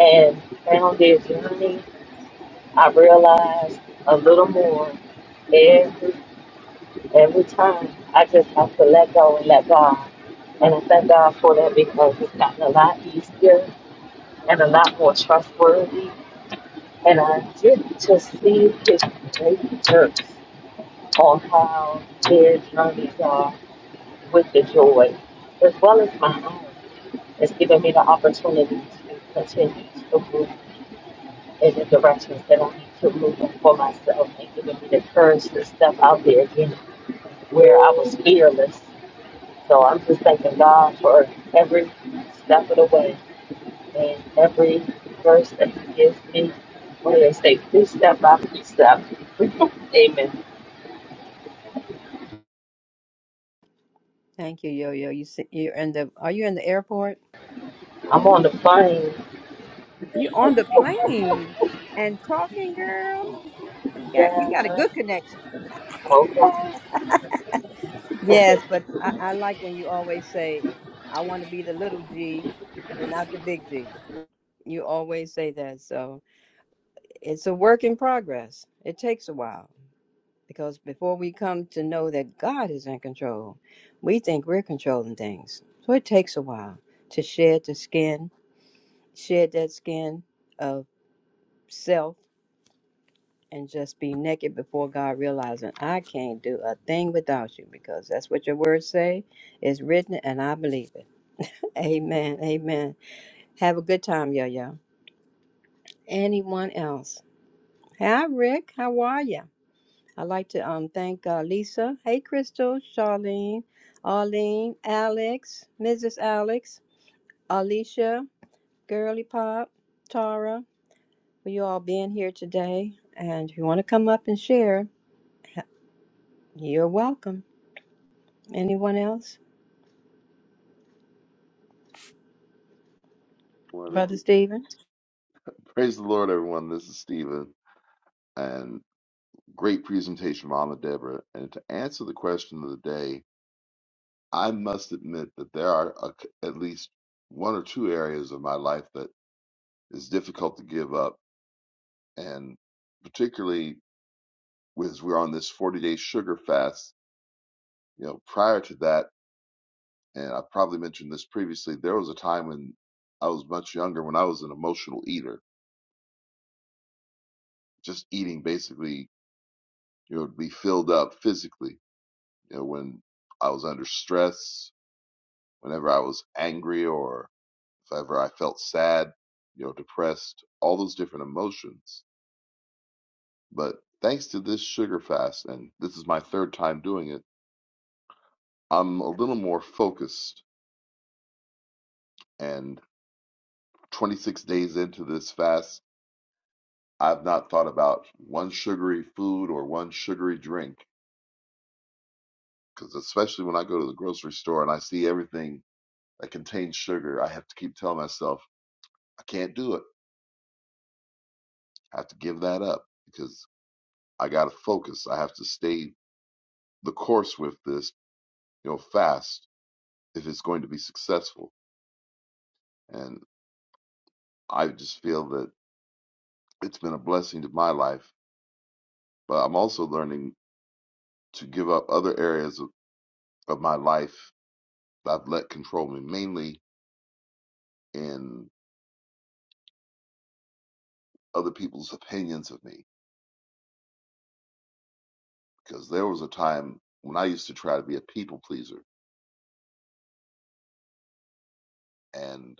and found their journey, I realized a little more every, every time. I just have to let go and let God. And I thank God for that because it's gotten a lot easier and a lot more trustworthy. And I get to see his great works on how their journeys are with the joy, as well as my own. It's given me the opportunity to continue to move in the directions that I need to move for myself and giving me the courage to step out there again where I was fearless. So I'm just thanking God for every step of the way And every verse that He gives me, what do they say? Precept by precept. Amen.
Thank you, Yo Yo. You see, you're in the. Are you in the airport?
I'm on the plane.
You on the plane and talking, girl. You got you got a
Yeah.
good connection.
Okay.
Yes, but I, I like when you always say, "I want to be the little G, not the big G." You always say that, so it's a work in progress. It takes a while because before we come to know that God is in control, we think we're controlling things. So it takes a while to shed the skin, shed that skin self and just be naked before God, realizing I can't do a thing without you because that's what your words say. It's written and I believe it. Amen. Amen. Have a good time, yo yo. Anyone else? Hi, Rick. How are you? I'd like to um thank uh, Lisa. Hey, Crystal, Charlene, Arlene, Alex, Mrs. Alex, Alicia, Girly Pop, Tara, for you all being here today. And if you want to come up and share, you're welcome. Anyone else?
Morning.
Brother Stephen?
Praise the Lord, everyone. This is Stephen, and great presentation, Mama Deborah. And to answer the question of the day, I must admit that there are a, at least one or two areas of my life that is difficult to give up, and particularly as we're on this 40-day sugar fast. You know, prior to that, and I probably mentioned this previously, there was a time when I was much younger when I was an emotional eater, just eating basically, you know, to be filled up physically You know, when I was under stress, whenever I was angry, or if ever I felt sad, you know, depressed, all those different emotions. But thanks to this sugar fast, and this is my third time doing it, I'm a little more focused. And 26 days into this fast, I've not thought about one sugary food or one sugary drink. Because especially when I go to the grocery store and I see everything that contains sugar, I have to keep telling myself, I can't do it. have to give that up because I got to focus. I have to stay the course with this, you know, fast if it's going to be successful. And I just feel that it's been a blessing to my life, but I'm also learning to give up other areas of, of my life that I've let control me, mainly in other people's opinions of me. Because there was a time when I used to try to be a people pleaser. And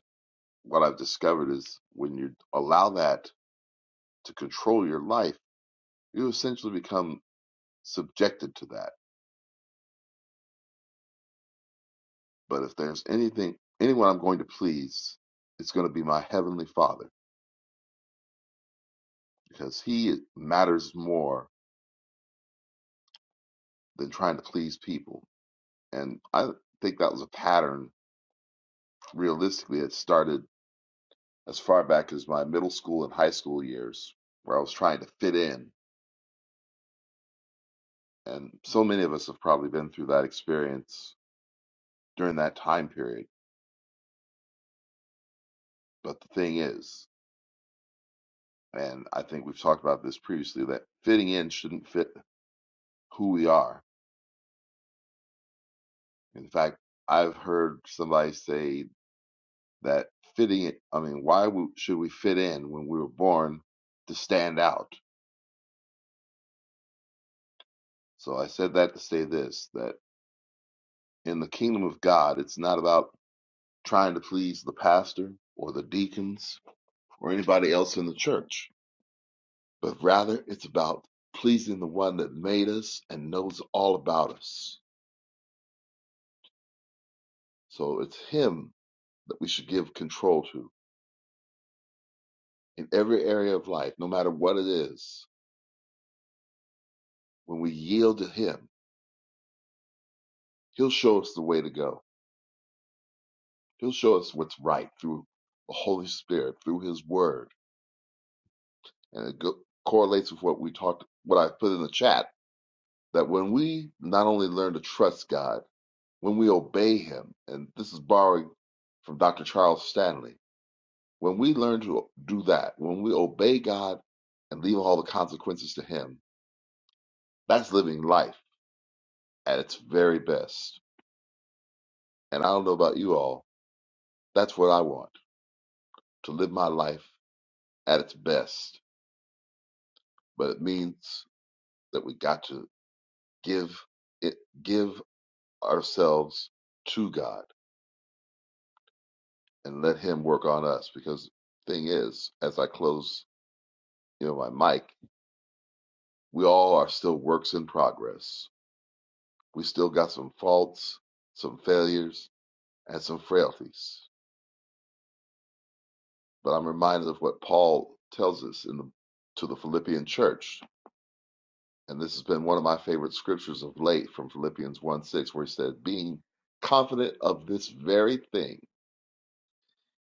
what I've discovered is when you allow that to control your life, you essentially become subjected to that. But if there's anything, anyone I'm going to please, it's going to be my heavenly Father because He matters more than trying to please people. And I think that was a pattern. Realistically, it started as far back as my middle school and high school years, where I was trying to fit in. And so many of us have probably been through that experience during that time period. But the thing is, and I think we've talked about this previously, that fitting in shouldn't fit who we are. In fact, I've heard somebody say that fitting it, I mean, why would should we fit in when we were born to stand out? So I said that to say this that in the kingdom of God, it's not about trying to please the pastor or the deacons or anybody else in the church, but rather it's about pleasing the one that made us and knows all about us. So it's him that we should give control to in every area of life, no matter what it is When we yield to Him, He'll show us the way to go. He'll show us what's right through the Holy Spirit, through His Word, and it go- correlates with what we talked, what I put in the chat. That when we not only learn to trust God, when we obey Him, and this is borrowing from Dr. Charles Stanley, when we learn to do that, when we obey God and leave all the consequences to Him, that's living life at its very best. And I don't know about you all, that's what I want to live my life at its best, but it means that we got to give it, give ourselves to God and let Him work on us. Because thing is, as I close, you know, my mic, we all are still works in progress. We still got some faults, some failures, and some frailties. But I'm reminded of what Paul tells us in the to the Philippian church And this has been one of my favorite scriptures of late from Philippians 1 6, where he said, Being confident of this very thing,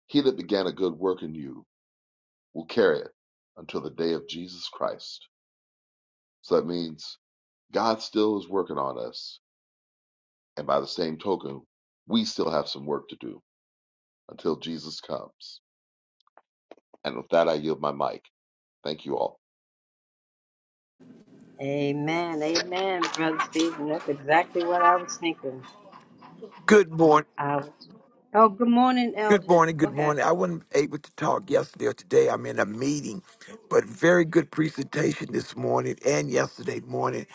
he that began a good work in you will carry it until the day of Jesus Christ. So that means God still is working on us. And by the same token, we still have some work to do until Jesus comes. And with that, I yield my mic. Thank you all.
Amen. Amen, Brother Stephen. That's exactly what I was thinking.
Good morning.
I was, Oh, good morning,
Good
Elder.
morning.
Go
Good
ahead.
morning. I wasn't able to talk yesterday or today. I'm in a meeting, but very good presentation this morning and yesterday morning.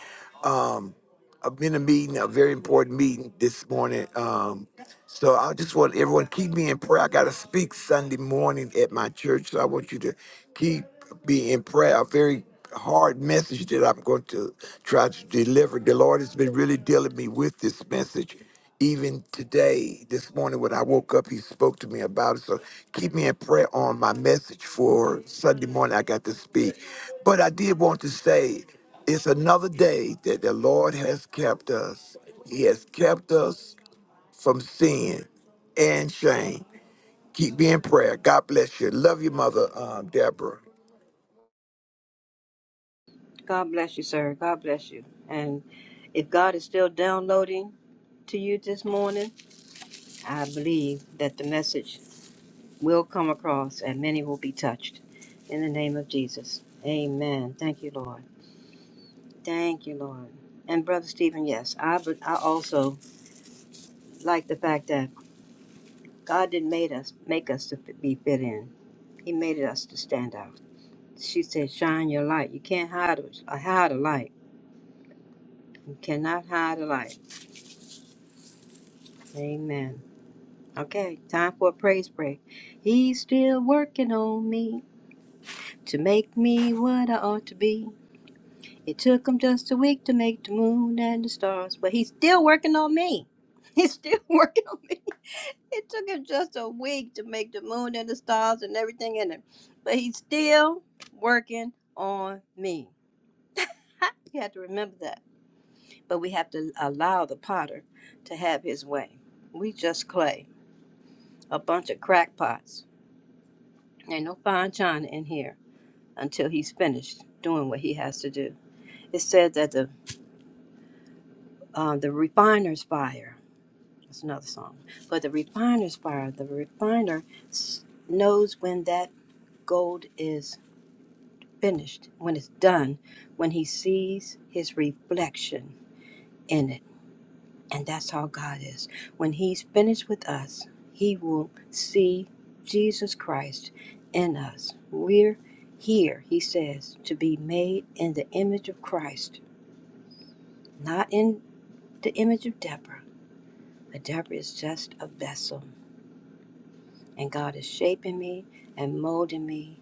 Um, I've been in a meeting, a very important meeting this morning. Um, so I just want everyone to keep me in prayer. I got to speak Sunday morning at my church, so I want you to keep me in prayer. A very hard message that I'm going to try to deliver. The Lord has been really dealing me with this message. Even today, this morning when I woke up, He spoke to me about it. So keep me in prayer on my message for Sunday morning. I got to speak, but I did want to say. It's another day that the Lord has kept us. He has kept us from sin and shame. Keep being in prayer. God bless you. Love you, Mother um, Deborah.
God bless you, sir. God bless you. And if God is still downloading to you this morning, I believe that the message will come across and many will be touched. In the name of Jesus. Amen. Thank you, Lord. Thank you, Lord. And Brother Stephen, yes, I, but I also like the fact that. God didn't made us make us to be fit in. He made us to stand out. She said, "Shine your light. You can't hide a hide a light. You cannot hide a light." Amen. Okay, time for a praise break. He's still working on me to make me what I ought to be. It took him just a week to make the moon and the stars, but he's still working on me. He's still working on me. It took him just a week to make the moon and the stars and everything in it. But he's still working on me. Ha! You have to remember that. But we have to allow the potter to have his way. We just clay, a bunch of crackpots. Ain't no fine china in here until he's finished doing what he has to do. It said that the uh, the refiner's fire. That's another song. But the refiner's fire, the refiner s- knows when that gold is finished, when it's done, when he sees his reflection in it. And that's how God is. When he's finished with us, he will see Jesus Christ in us. We're here, he says, to be made in the image of Christ, not in the image of Deborah. But Deborah is just a vessel. And God is shaping me and molding me.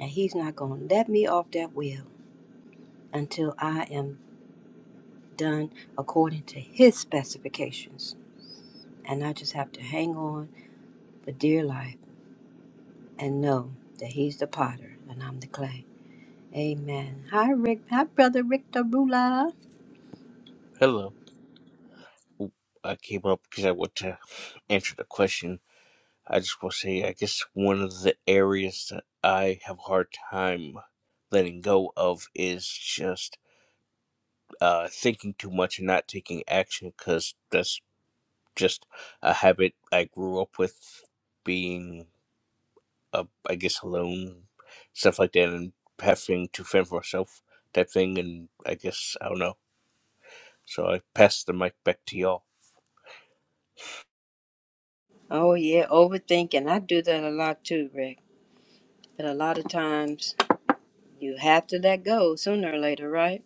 And he's not going to let me off that wheel until I am done according to His specifications. And I just have to hang on for dear life and know that He's the potter and I'm the clay. Amen. Hi, Rick. Hi, Brother Rick Darula.
Hello. I came up because I want to answer the question. I just want to say, I guess one of the areas that I have a hard time letting go of is just uh, thinking too much and not taking action because that's just a habit I grew up with being, uh, I guess, alone, stuff like that, and having to fend for myself type thing. And I guess, I don't know. So I pass the mic back to y'all.
Oh, yeah, overthinking. I do that a lot too, Rick. But a lot of times you have to let go sooner or later, right?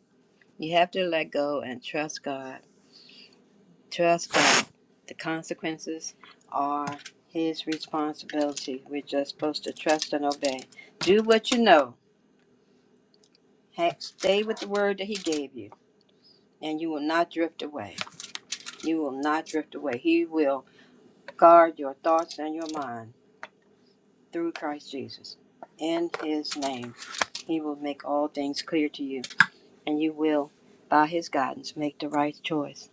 You have to let go and trust God. Trust God. The consequences are His responsibility. We're just supposed to trust and obey. Do what you know Ha- Stay with the word that He gave you, and you will not drift away. You will not drift away. He will guard your thoughts and your mind through Christ Jesus. In His name, He will make all things clear to you, and you will, by His guidance, make the right choice.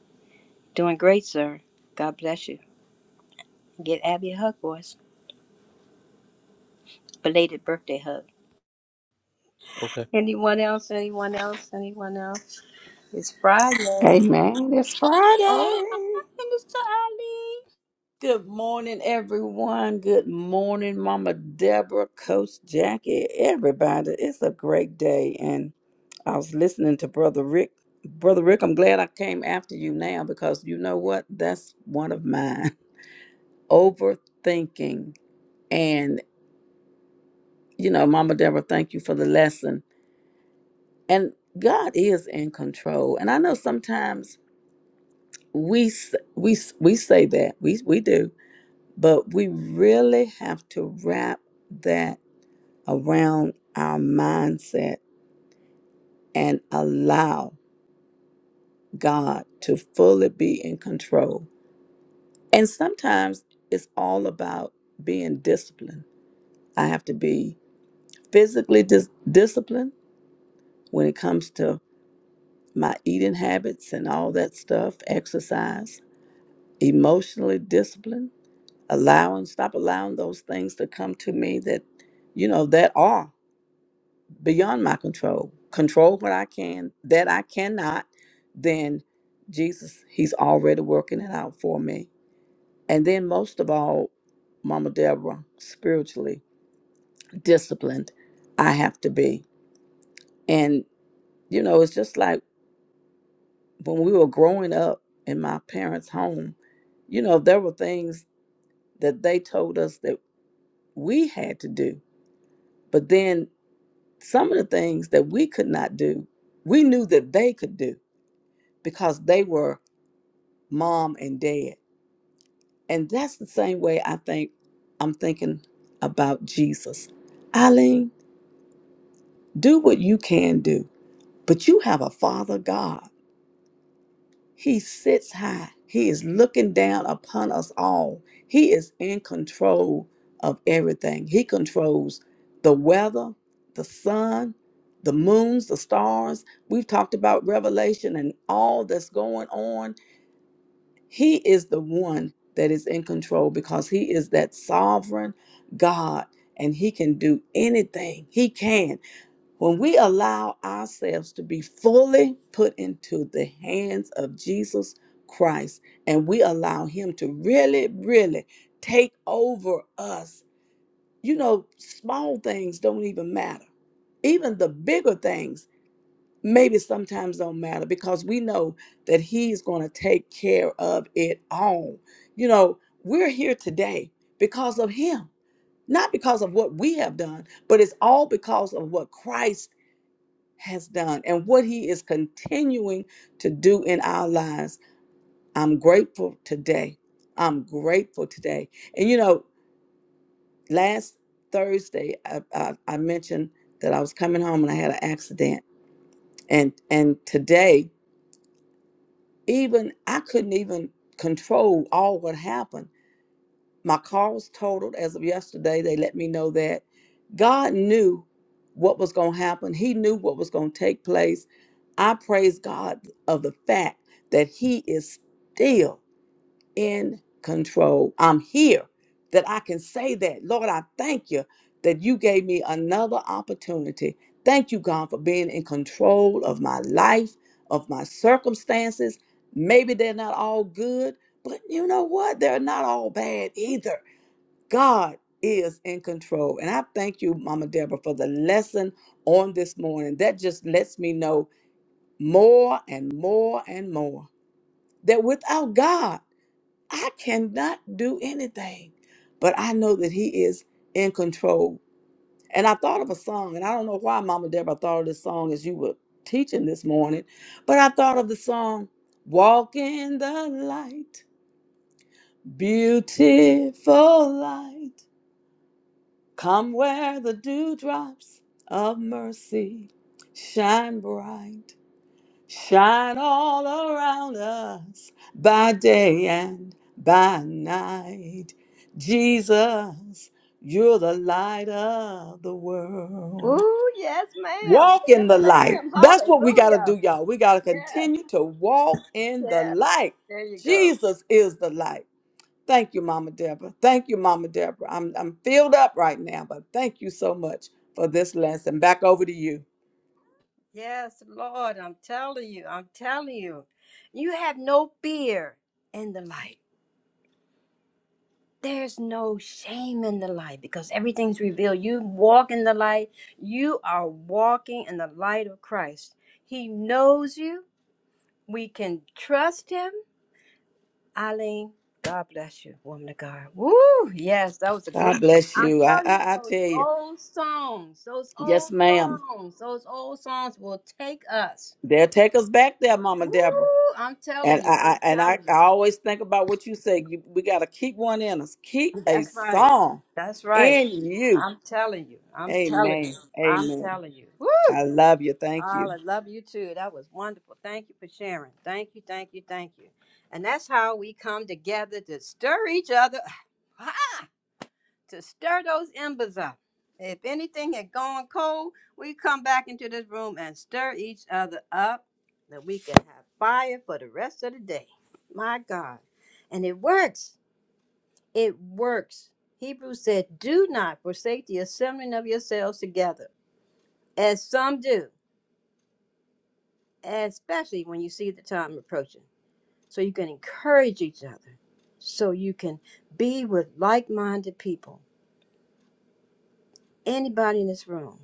Doing great, sir. God bless you. Get Abby a hug, boys. Belated birthday hug.
Okay.
Anyone else? Anyone else? Anyone else? It's Friday.
Amen. It's
Oh,
Friday.
my goodness, to Ali.
Good morning, everyone. Good morning, Mama Deborah, Coach Jackie, everybody. It's a great day. And I was listening to Brother Rick. Brother Rick, I'm glad I came after you now because you know what? That's one of mine. Overthinking. and you know, Mama Deborah, thank you for the lesson. And God is in control. And I know sometimes we s- we s- we say that we we do, but we really have to wrap that around our mindset and allow God to fully be in control. And sometimes it's all about being disciplined. I have to be physically dis- disciplined when it comes to my eating habits and all that stuff, exercise, emotionally disciplined, allowing, stop allowing those things to come to me that, you know, that are beyond my control. Control what I can, that I cannot, then Jesus, He's already working it out for me. And then most of all, Mama Deborah, spiritually disciplined, I have to be. And, you know, it's just like, when we were growing up in my parents' home, you know, there were things that they told us that we had to do. But then some of the things that we could not do, we knew that they could do because they were mom and dad. And that's the same way I think I'm thinking about Jesus. Eileen, do what you can do, but you have a father God He sits high. He is looking down upon us all. He is in control of everything. He controls the weather, the sun, the moons, the stars. We've talked about Revelation and all that's going on. He is the one that is in control because he is that sovereign God and he can do anything. He can. When we allow ourselves to be fully put into the hands of Jesus Christ and we allow Him to really, really take over us, you know, small things don't even matter. Even the bigger things maybe sometimes don't matter because we know that He's going to take care of it all. You know, we're here today because of Him, not because of what we have done, but it's all because of what Christ has done and what he is continuing to do in our lives. I'm grateful today. I'm grateful today. And you know, last Thursday I, I, I mentioned that I was coming home and I had an accident. And and today, even I couldn't even control all what happened My car was totaled as of yesterday. They let me know that. God knew what was going to happen, He knew what was going to take place. I praise God of the fact that He is still in control. I'm here that I can say that. Lord, I thank you that you gave me another opportunity. Thank you, God, for being in control of my life, of my circumstances. Maybe they're not all good, but you know what? They're not all bad either God is in control. And I thank you, Mama Deborah, for the lesson on this morning. That just lets me know more and more and more that without God, I cannot do anything. But I know that He is in control. And I thought of a song, and I don't know why, Mama Deborah, I thought of this song as you were teaching this morning, but I thought of the song, Walk in the Light, Beautiful Light. Come where the dewdrops of mercy shine bright, shine all around us by day and by night. Jesus, you're the light of the world.
Ooh, yes, ma'am.
Walk in
Yes,
the light.
ma'am.
That's what we got to
Hallelujah.
do, y'all. We got to
Yes,
continue to walk in the
yes.
light.
There you go.
Jesus is the light. Thank you, Mama Deborah. Thank you, Mama Deborah. I'm I'm filled up right now, but thank you so much for this lesson. Back over to you.
Yes, Lord, I'm telling you, I'm telling you. You have no fear in the light. There's no shame in the light because everything's revealed. You walk in the light, you are walking in the light of Christ. He knows you. We can trust him. Eileen, God bless you, woman of God. Woo! Yes, that was a good
God
one.
bless
i tell
you. I
you,
I, I
those
tell you,
old songs, those
yes,
old
ma'am.
songs, those old songs will take us.
They'll take us back there, Mama
Woo!
Deborah.
I'm
And
telling
I,
you,
I
I'm
and I,
telling
I
you.
always think about what you say. You, we gotta keep one in us. Keep a
That's right.
song
That's right.
in you.
I'm telling you. I'm telling you.
Amen.
I'm
Amen.
telling you. Woo!
I love you. Thank
All
you.
I love you too. That was wonderful. Thank you for sharing. Thank you, thank you, thank you. And that's how we come together to stir each other. Ah. to stir those embers up. If anything had gone cold, we come back into this room and stir each other up that we can have fire for the rest of the day. My God. And it works. It works. Hebrews said, Do not forsake the assembling of yourselves together, as some do, especially when you see the time approaching, so you can encourage each other, so you can be with like minded people. Anybody in this room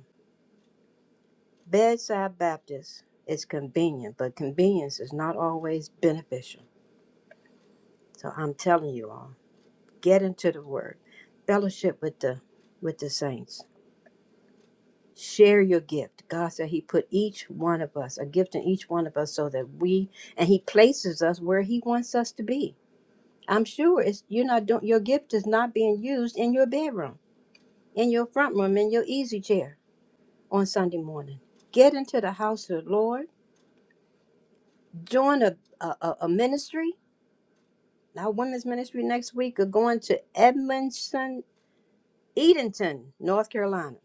Bedside Baptist is convenient, but convenience is not always beneficial. So I'm telling you all, get into the word. Fellowship with the with the saints. Share your gift. God said He put each one of us, a gift in each one of us, so that we and He places us where He wants us to be. I'm sure it's you're not doing your gift is not being used in your bedroom, in your front room, in your easy chair on Sunday morning. Get into the house of the Lord, join a, a, a a ministry, Our women's ministry next week are going to Edmondson, Edenton, North Carolina.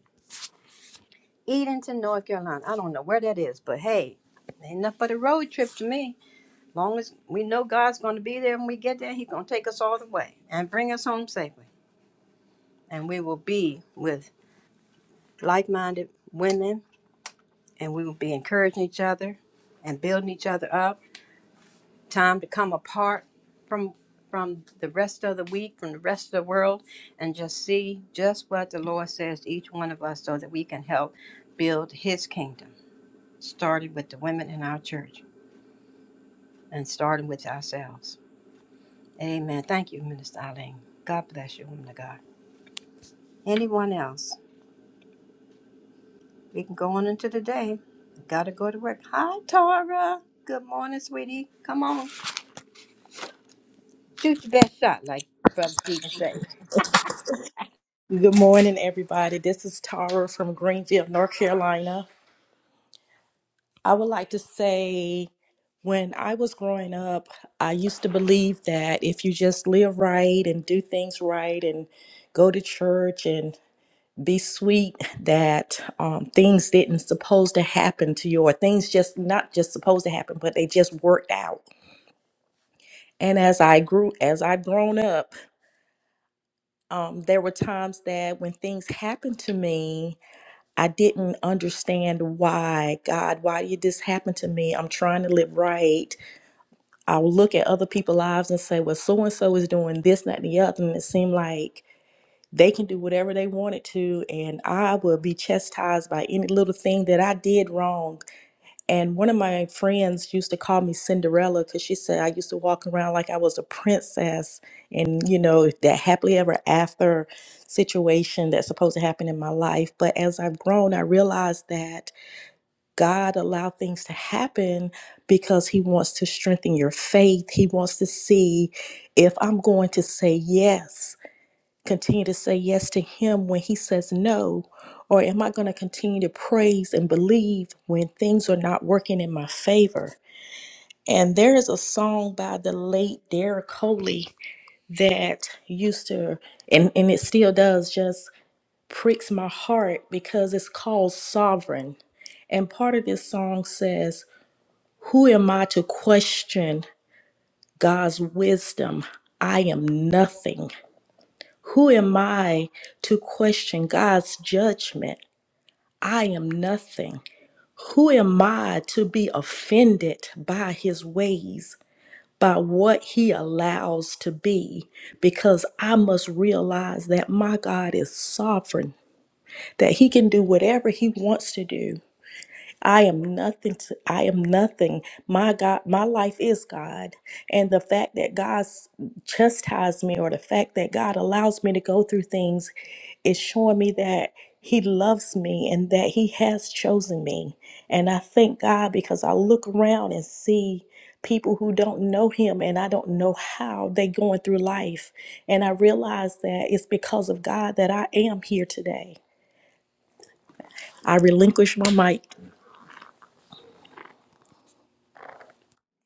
Edenton, North Carolina. I don't know where that is, but hey, ain't nothing but a road trip to me. Long as we know God's going to be there when we get there, He's going to take us all the way and bring us home safely. And we will be with like minded women and we will be encouraging each other and building each other up time to come apart from from the rest of the week, from the rest of the world, and just see just what the Lord says to each one of us so that we can help build his kingdom, starting with the women in our church and starting with ourselves. Amen. Thank you, Minister Eileen. God bless you, woman of God. Anyone else? We can go on into the day. Gotta go to work. Hi, Tara. Good morning, sweetie. Come on. Shoot your best shot, like Brother Stephen said.
Good morning, everybody. This is Tara from Greenville, North Carolina. I would like to say when I was growing up, I used to believe that if you just live right and do things right and go to church and be sweet, that um, things didn't supposed to happen to you, or things just not just supposed to happen, but they just worked out. And as I grew, as I've grown up, um, there were times that when things happened to me, I didn't understand why, God, why did this happen to me? I'm trying to live right. I'll look at other people's lives and say, well, so and so is doing this, that, and the other. And it seemed like they can do whatever they wanted to. And I will be chastised by any little thing that I did wrong. And one of my friends used to call me Cinderella because she said I used to walk around like I was a princess. And, you know, that happily ever after situation that's supposed to happen in my life. But as I've grown, I realized that God allowed things to happen because He wants to strengthen your faith. He wants to see if I'm going to say yes continue to say yes to him when he says no? Or am I going to continue to praise and believe when things are not working in my favor? And there is a song by the late Derek Coley that used to, and, and it still does, just pricks my heart because it's called Sovereign. And part of this song says, Who am I to question God's wisdom? I am nothing. Who am I to question God's judgment? I am nothing. Who am I to be offended by his ways, by what he allows to be? Because I must realize that my God is sovereign, that he can do whatever he wants to do. I am nothing to I am nothing. My God, my life is God. And the fact that God s- chastised me or the fact that God allows me to go through things is showing me that he loves me and that he has chosen me. And I thank God because I look around and see people who don't know him and I don't know how they going through life. And I realize that it's because of God that I am here today. I relinquish my mic.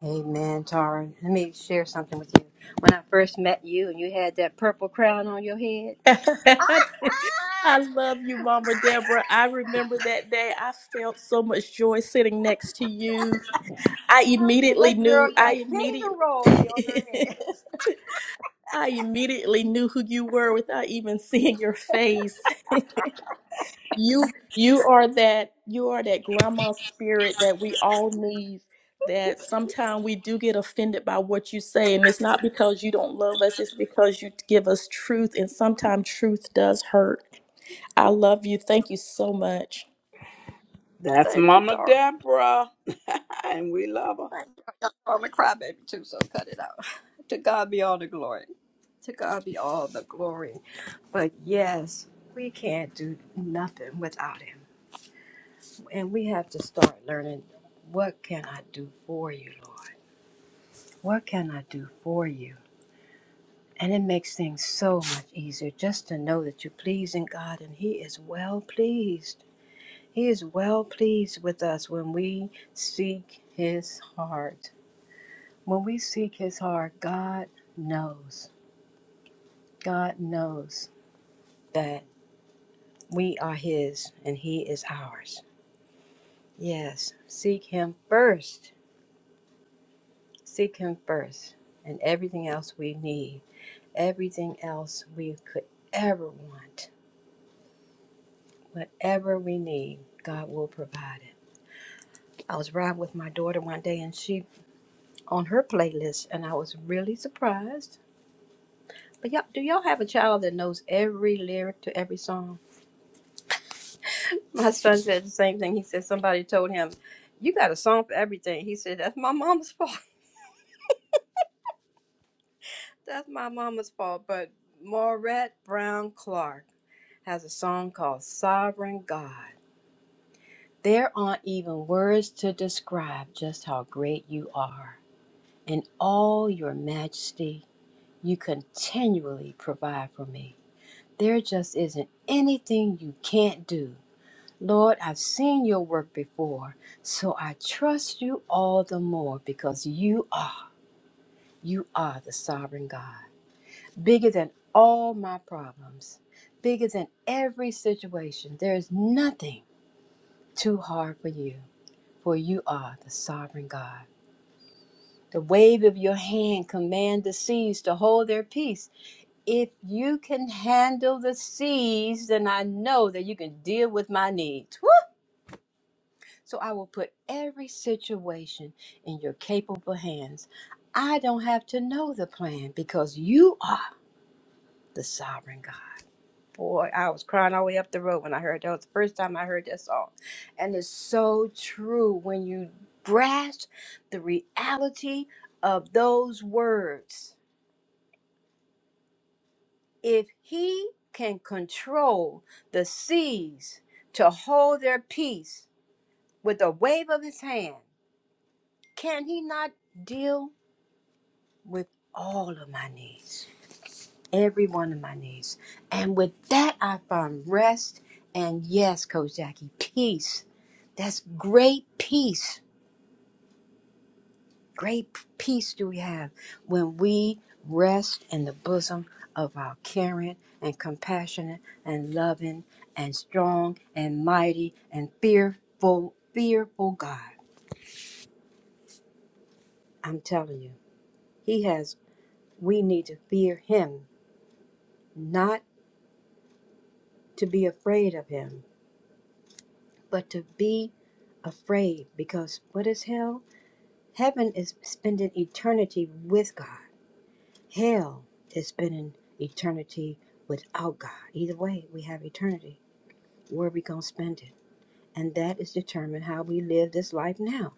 Amen, Tara. Let me share something with you. When I first met you and you had that purple crown on your head,
I love you, Mama Deborah. I remember that day. I felt so much joy sitting next to you. I
I said,
immediately
that girl
knew,
got
I immediately.
kingdom royalty on her head.
I immediately knew who you were without even seeing your face. you you are that you are that grandma spirit that we all need that sometimes we do get offended by what you say and it's not because you don't love us it's because you give us truth and sometimes truth does hurt I love you. Thank you so much.
That's
Thank you,
Mama
Tara.
Deborah, and we love her.
Thank you. I'm a crybaby too, so cut it out. To God be all the glory. To God be all the glory. But yes, we can't do nothing without Him. And we have to start learning what can I do for you, Lord? What can I do for you? And it makes things so much easier just to know that you're pleasing God and He is well pleased. He is well pleased with us when we seek His heart. When we seek His heart, God knows. God knows that we are His and He is ours. Yes, seek Him first. Seek Him first. And everything else we need, everything else we could ever want, whatever we need, God will provide it. I was riding with my daughter one day and she on her playlist and I was really surprised. But y'all, do y'all have a child that knows every lyric to every song? My son said the same thing. He said somebody told him, You got a song for everything. He said, That's my mama's fault. That's my mama's fault. But Maurette Brown Clark has a song called Sovereign God. There aren't even words to describe just how great you are in all your majesty You continually provide for me. There just isn't anything you can't do. Lord, I've seen your work before, so I trust you all the more because you are, you are the sovereign God. Bigger than all my problems, bigger than every situation. There is nothing too hard for you, for you are the sovereign God. The wave of your hand command the seas to hold their peace If you can handle the seas, then I know that you can deal with my needs. Woo! So I will put every situation in your capable hands. I don't have to know the plan because you are the sovereign God. Boy, I was crying all the way up the road when I heard that. That was the first time I heard that song. And it's so true when you grasp the reality of those words if he can control the seas to hold their peace with a wave of his hand, can he not deal with all of my needs? Every one of my needs. And with that, I found rest and yes, Coach Jackie, peace. That's great peace Great peace do we have when we rest in the bosom of our caring and compassionate and loving and strong and mighty and fearful, fearful God. I'm telling you, He has, we need to fear Him, not to be afraid of Him, but to be afraid because what is hell? Heaven is spending eternity with God. Hell has been an eternity without God. Either way, we have eternity. Where are we going to spend it? And that is determined how we live this life now.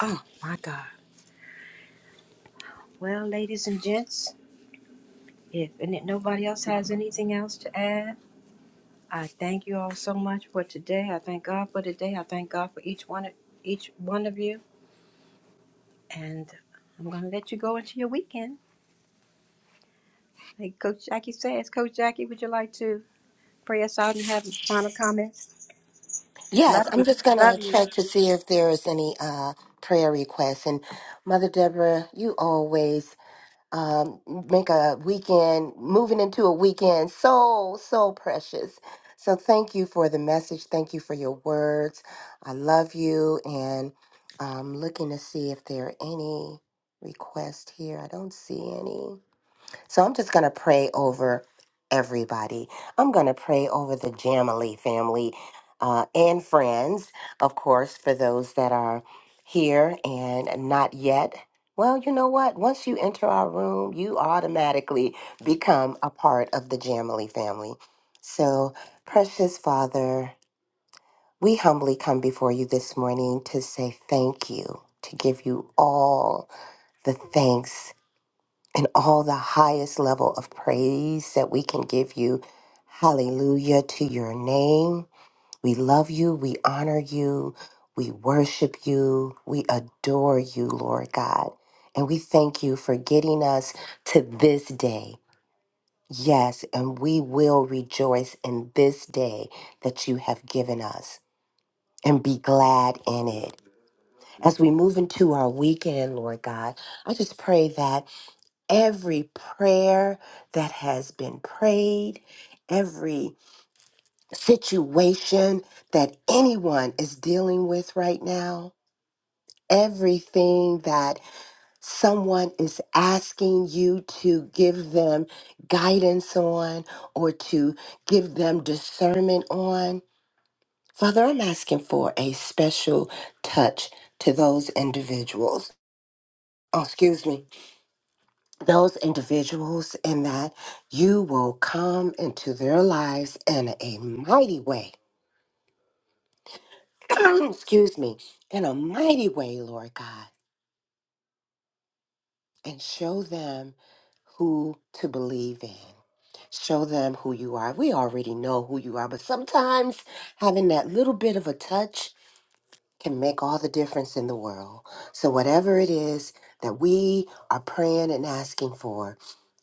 Oh, my God. Well, ladies and gents, if, and if nobody else has anything else to add, I thank you all so much for today. I thank God for today. I thank God for each one of each one of you. And I'm going to let you go into your weekend. Like Coach Jackie says, Coach Jackie, would you like to pray us out and have final comments?
Yes,
Love you.
I'm just going
Love
to
you.
check to see if there is any uh, prayer requests. And Mother Deborah, you always um, make a weekend, moving into a weekend so, so precious. So thank you for the message. Thank you for your words. I love you. And I'm looking to see if there are any requests here. I don't see any. So I'm just going to pray over everybody. I'm going to pray over the Jamily family uh, and friends, of course, for those that are here and not yet. Well, you know what? Once you enter our room, you automatically become a part of the Jamily family. So, precious Father, we humbly come before you this morning to say thank you, to give you all the thanks and all the highest level of praise that we can give you. Hallelujah to your name. We love you. We honor you. We worship you. We adore you, Lord God. And we thank you for getting us to this day. Yes, and we will rejoice in this day that you have given us and be glad in it. As we move into our weekend, Lord God, I just pray that every prayer that has been prayed, every situation that anyone is dealing with right now, everything that someone is asking you to give them guidance on or to give them discernment on. Father, I'm asking for a special touch to those individuals. Oh, excuse me those individuals and that you will come into their lives in a mighty way. Excuse me, in a mighty way, Lord God, and show them who to believe in. Show them who you are. We already know who you are, but sometimes having that little bit of a touch can make all the difference in the world. So, whatever it is that we are praying and asking for,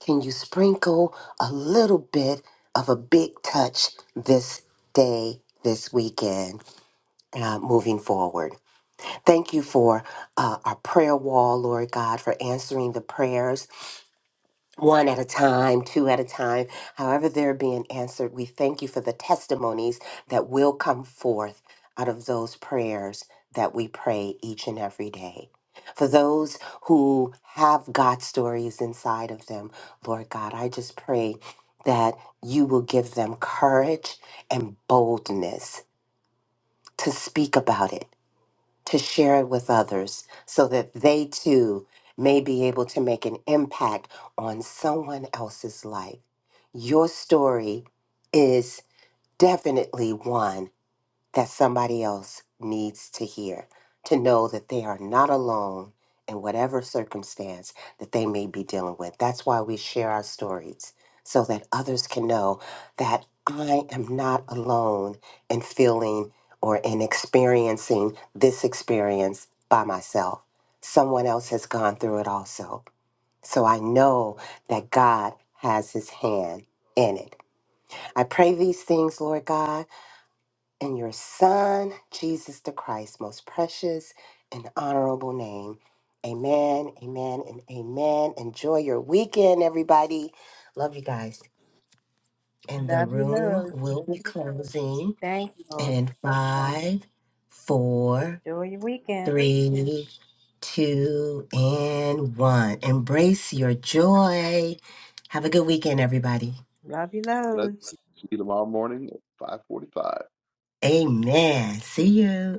can you sprinkle a little bit of a big touch this day, this weekend, uh, moving forward? Thank you for uh, our prayer wall, Lord God, for answering the prayers one at a time, two at a time, however they're being answered. We thank you for the testimonies that will come forth out of those prayers that we pray each and every day. For those who have God stories inside of them, Lord God, I just pray that you will give them courage and boldness to speak about it to share it with others so that they too may be able to make an impact on someone else's life. Your story is definitely one that somebody else needs to hear, to know that they are not alone in whatever circumstance that they may be dealing with. That's why we share our stories so that others can know that I am not alone in feeling or in experiencing this experience by myself. Someone else has gone through it also. So I know that God has his hand in it. I pray these things, Lord God in your Son, Jesus the Christ, most precious and honorable name. Amen, amen, and amen. Enjoy your weekend, everybody. Love you guys. And the
Love you
room
loads.
will be closing
Thank you, Lord.
in five, four,
Enjoy your weekend.
three, two, and one. Embrace your joy. Have a good weekend, everybody.
Love you
Let's
loads.
see you tomorrow morning at 545.
Amen. See you.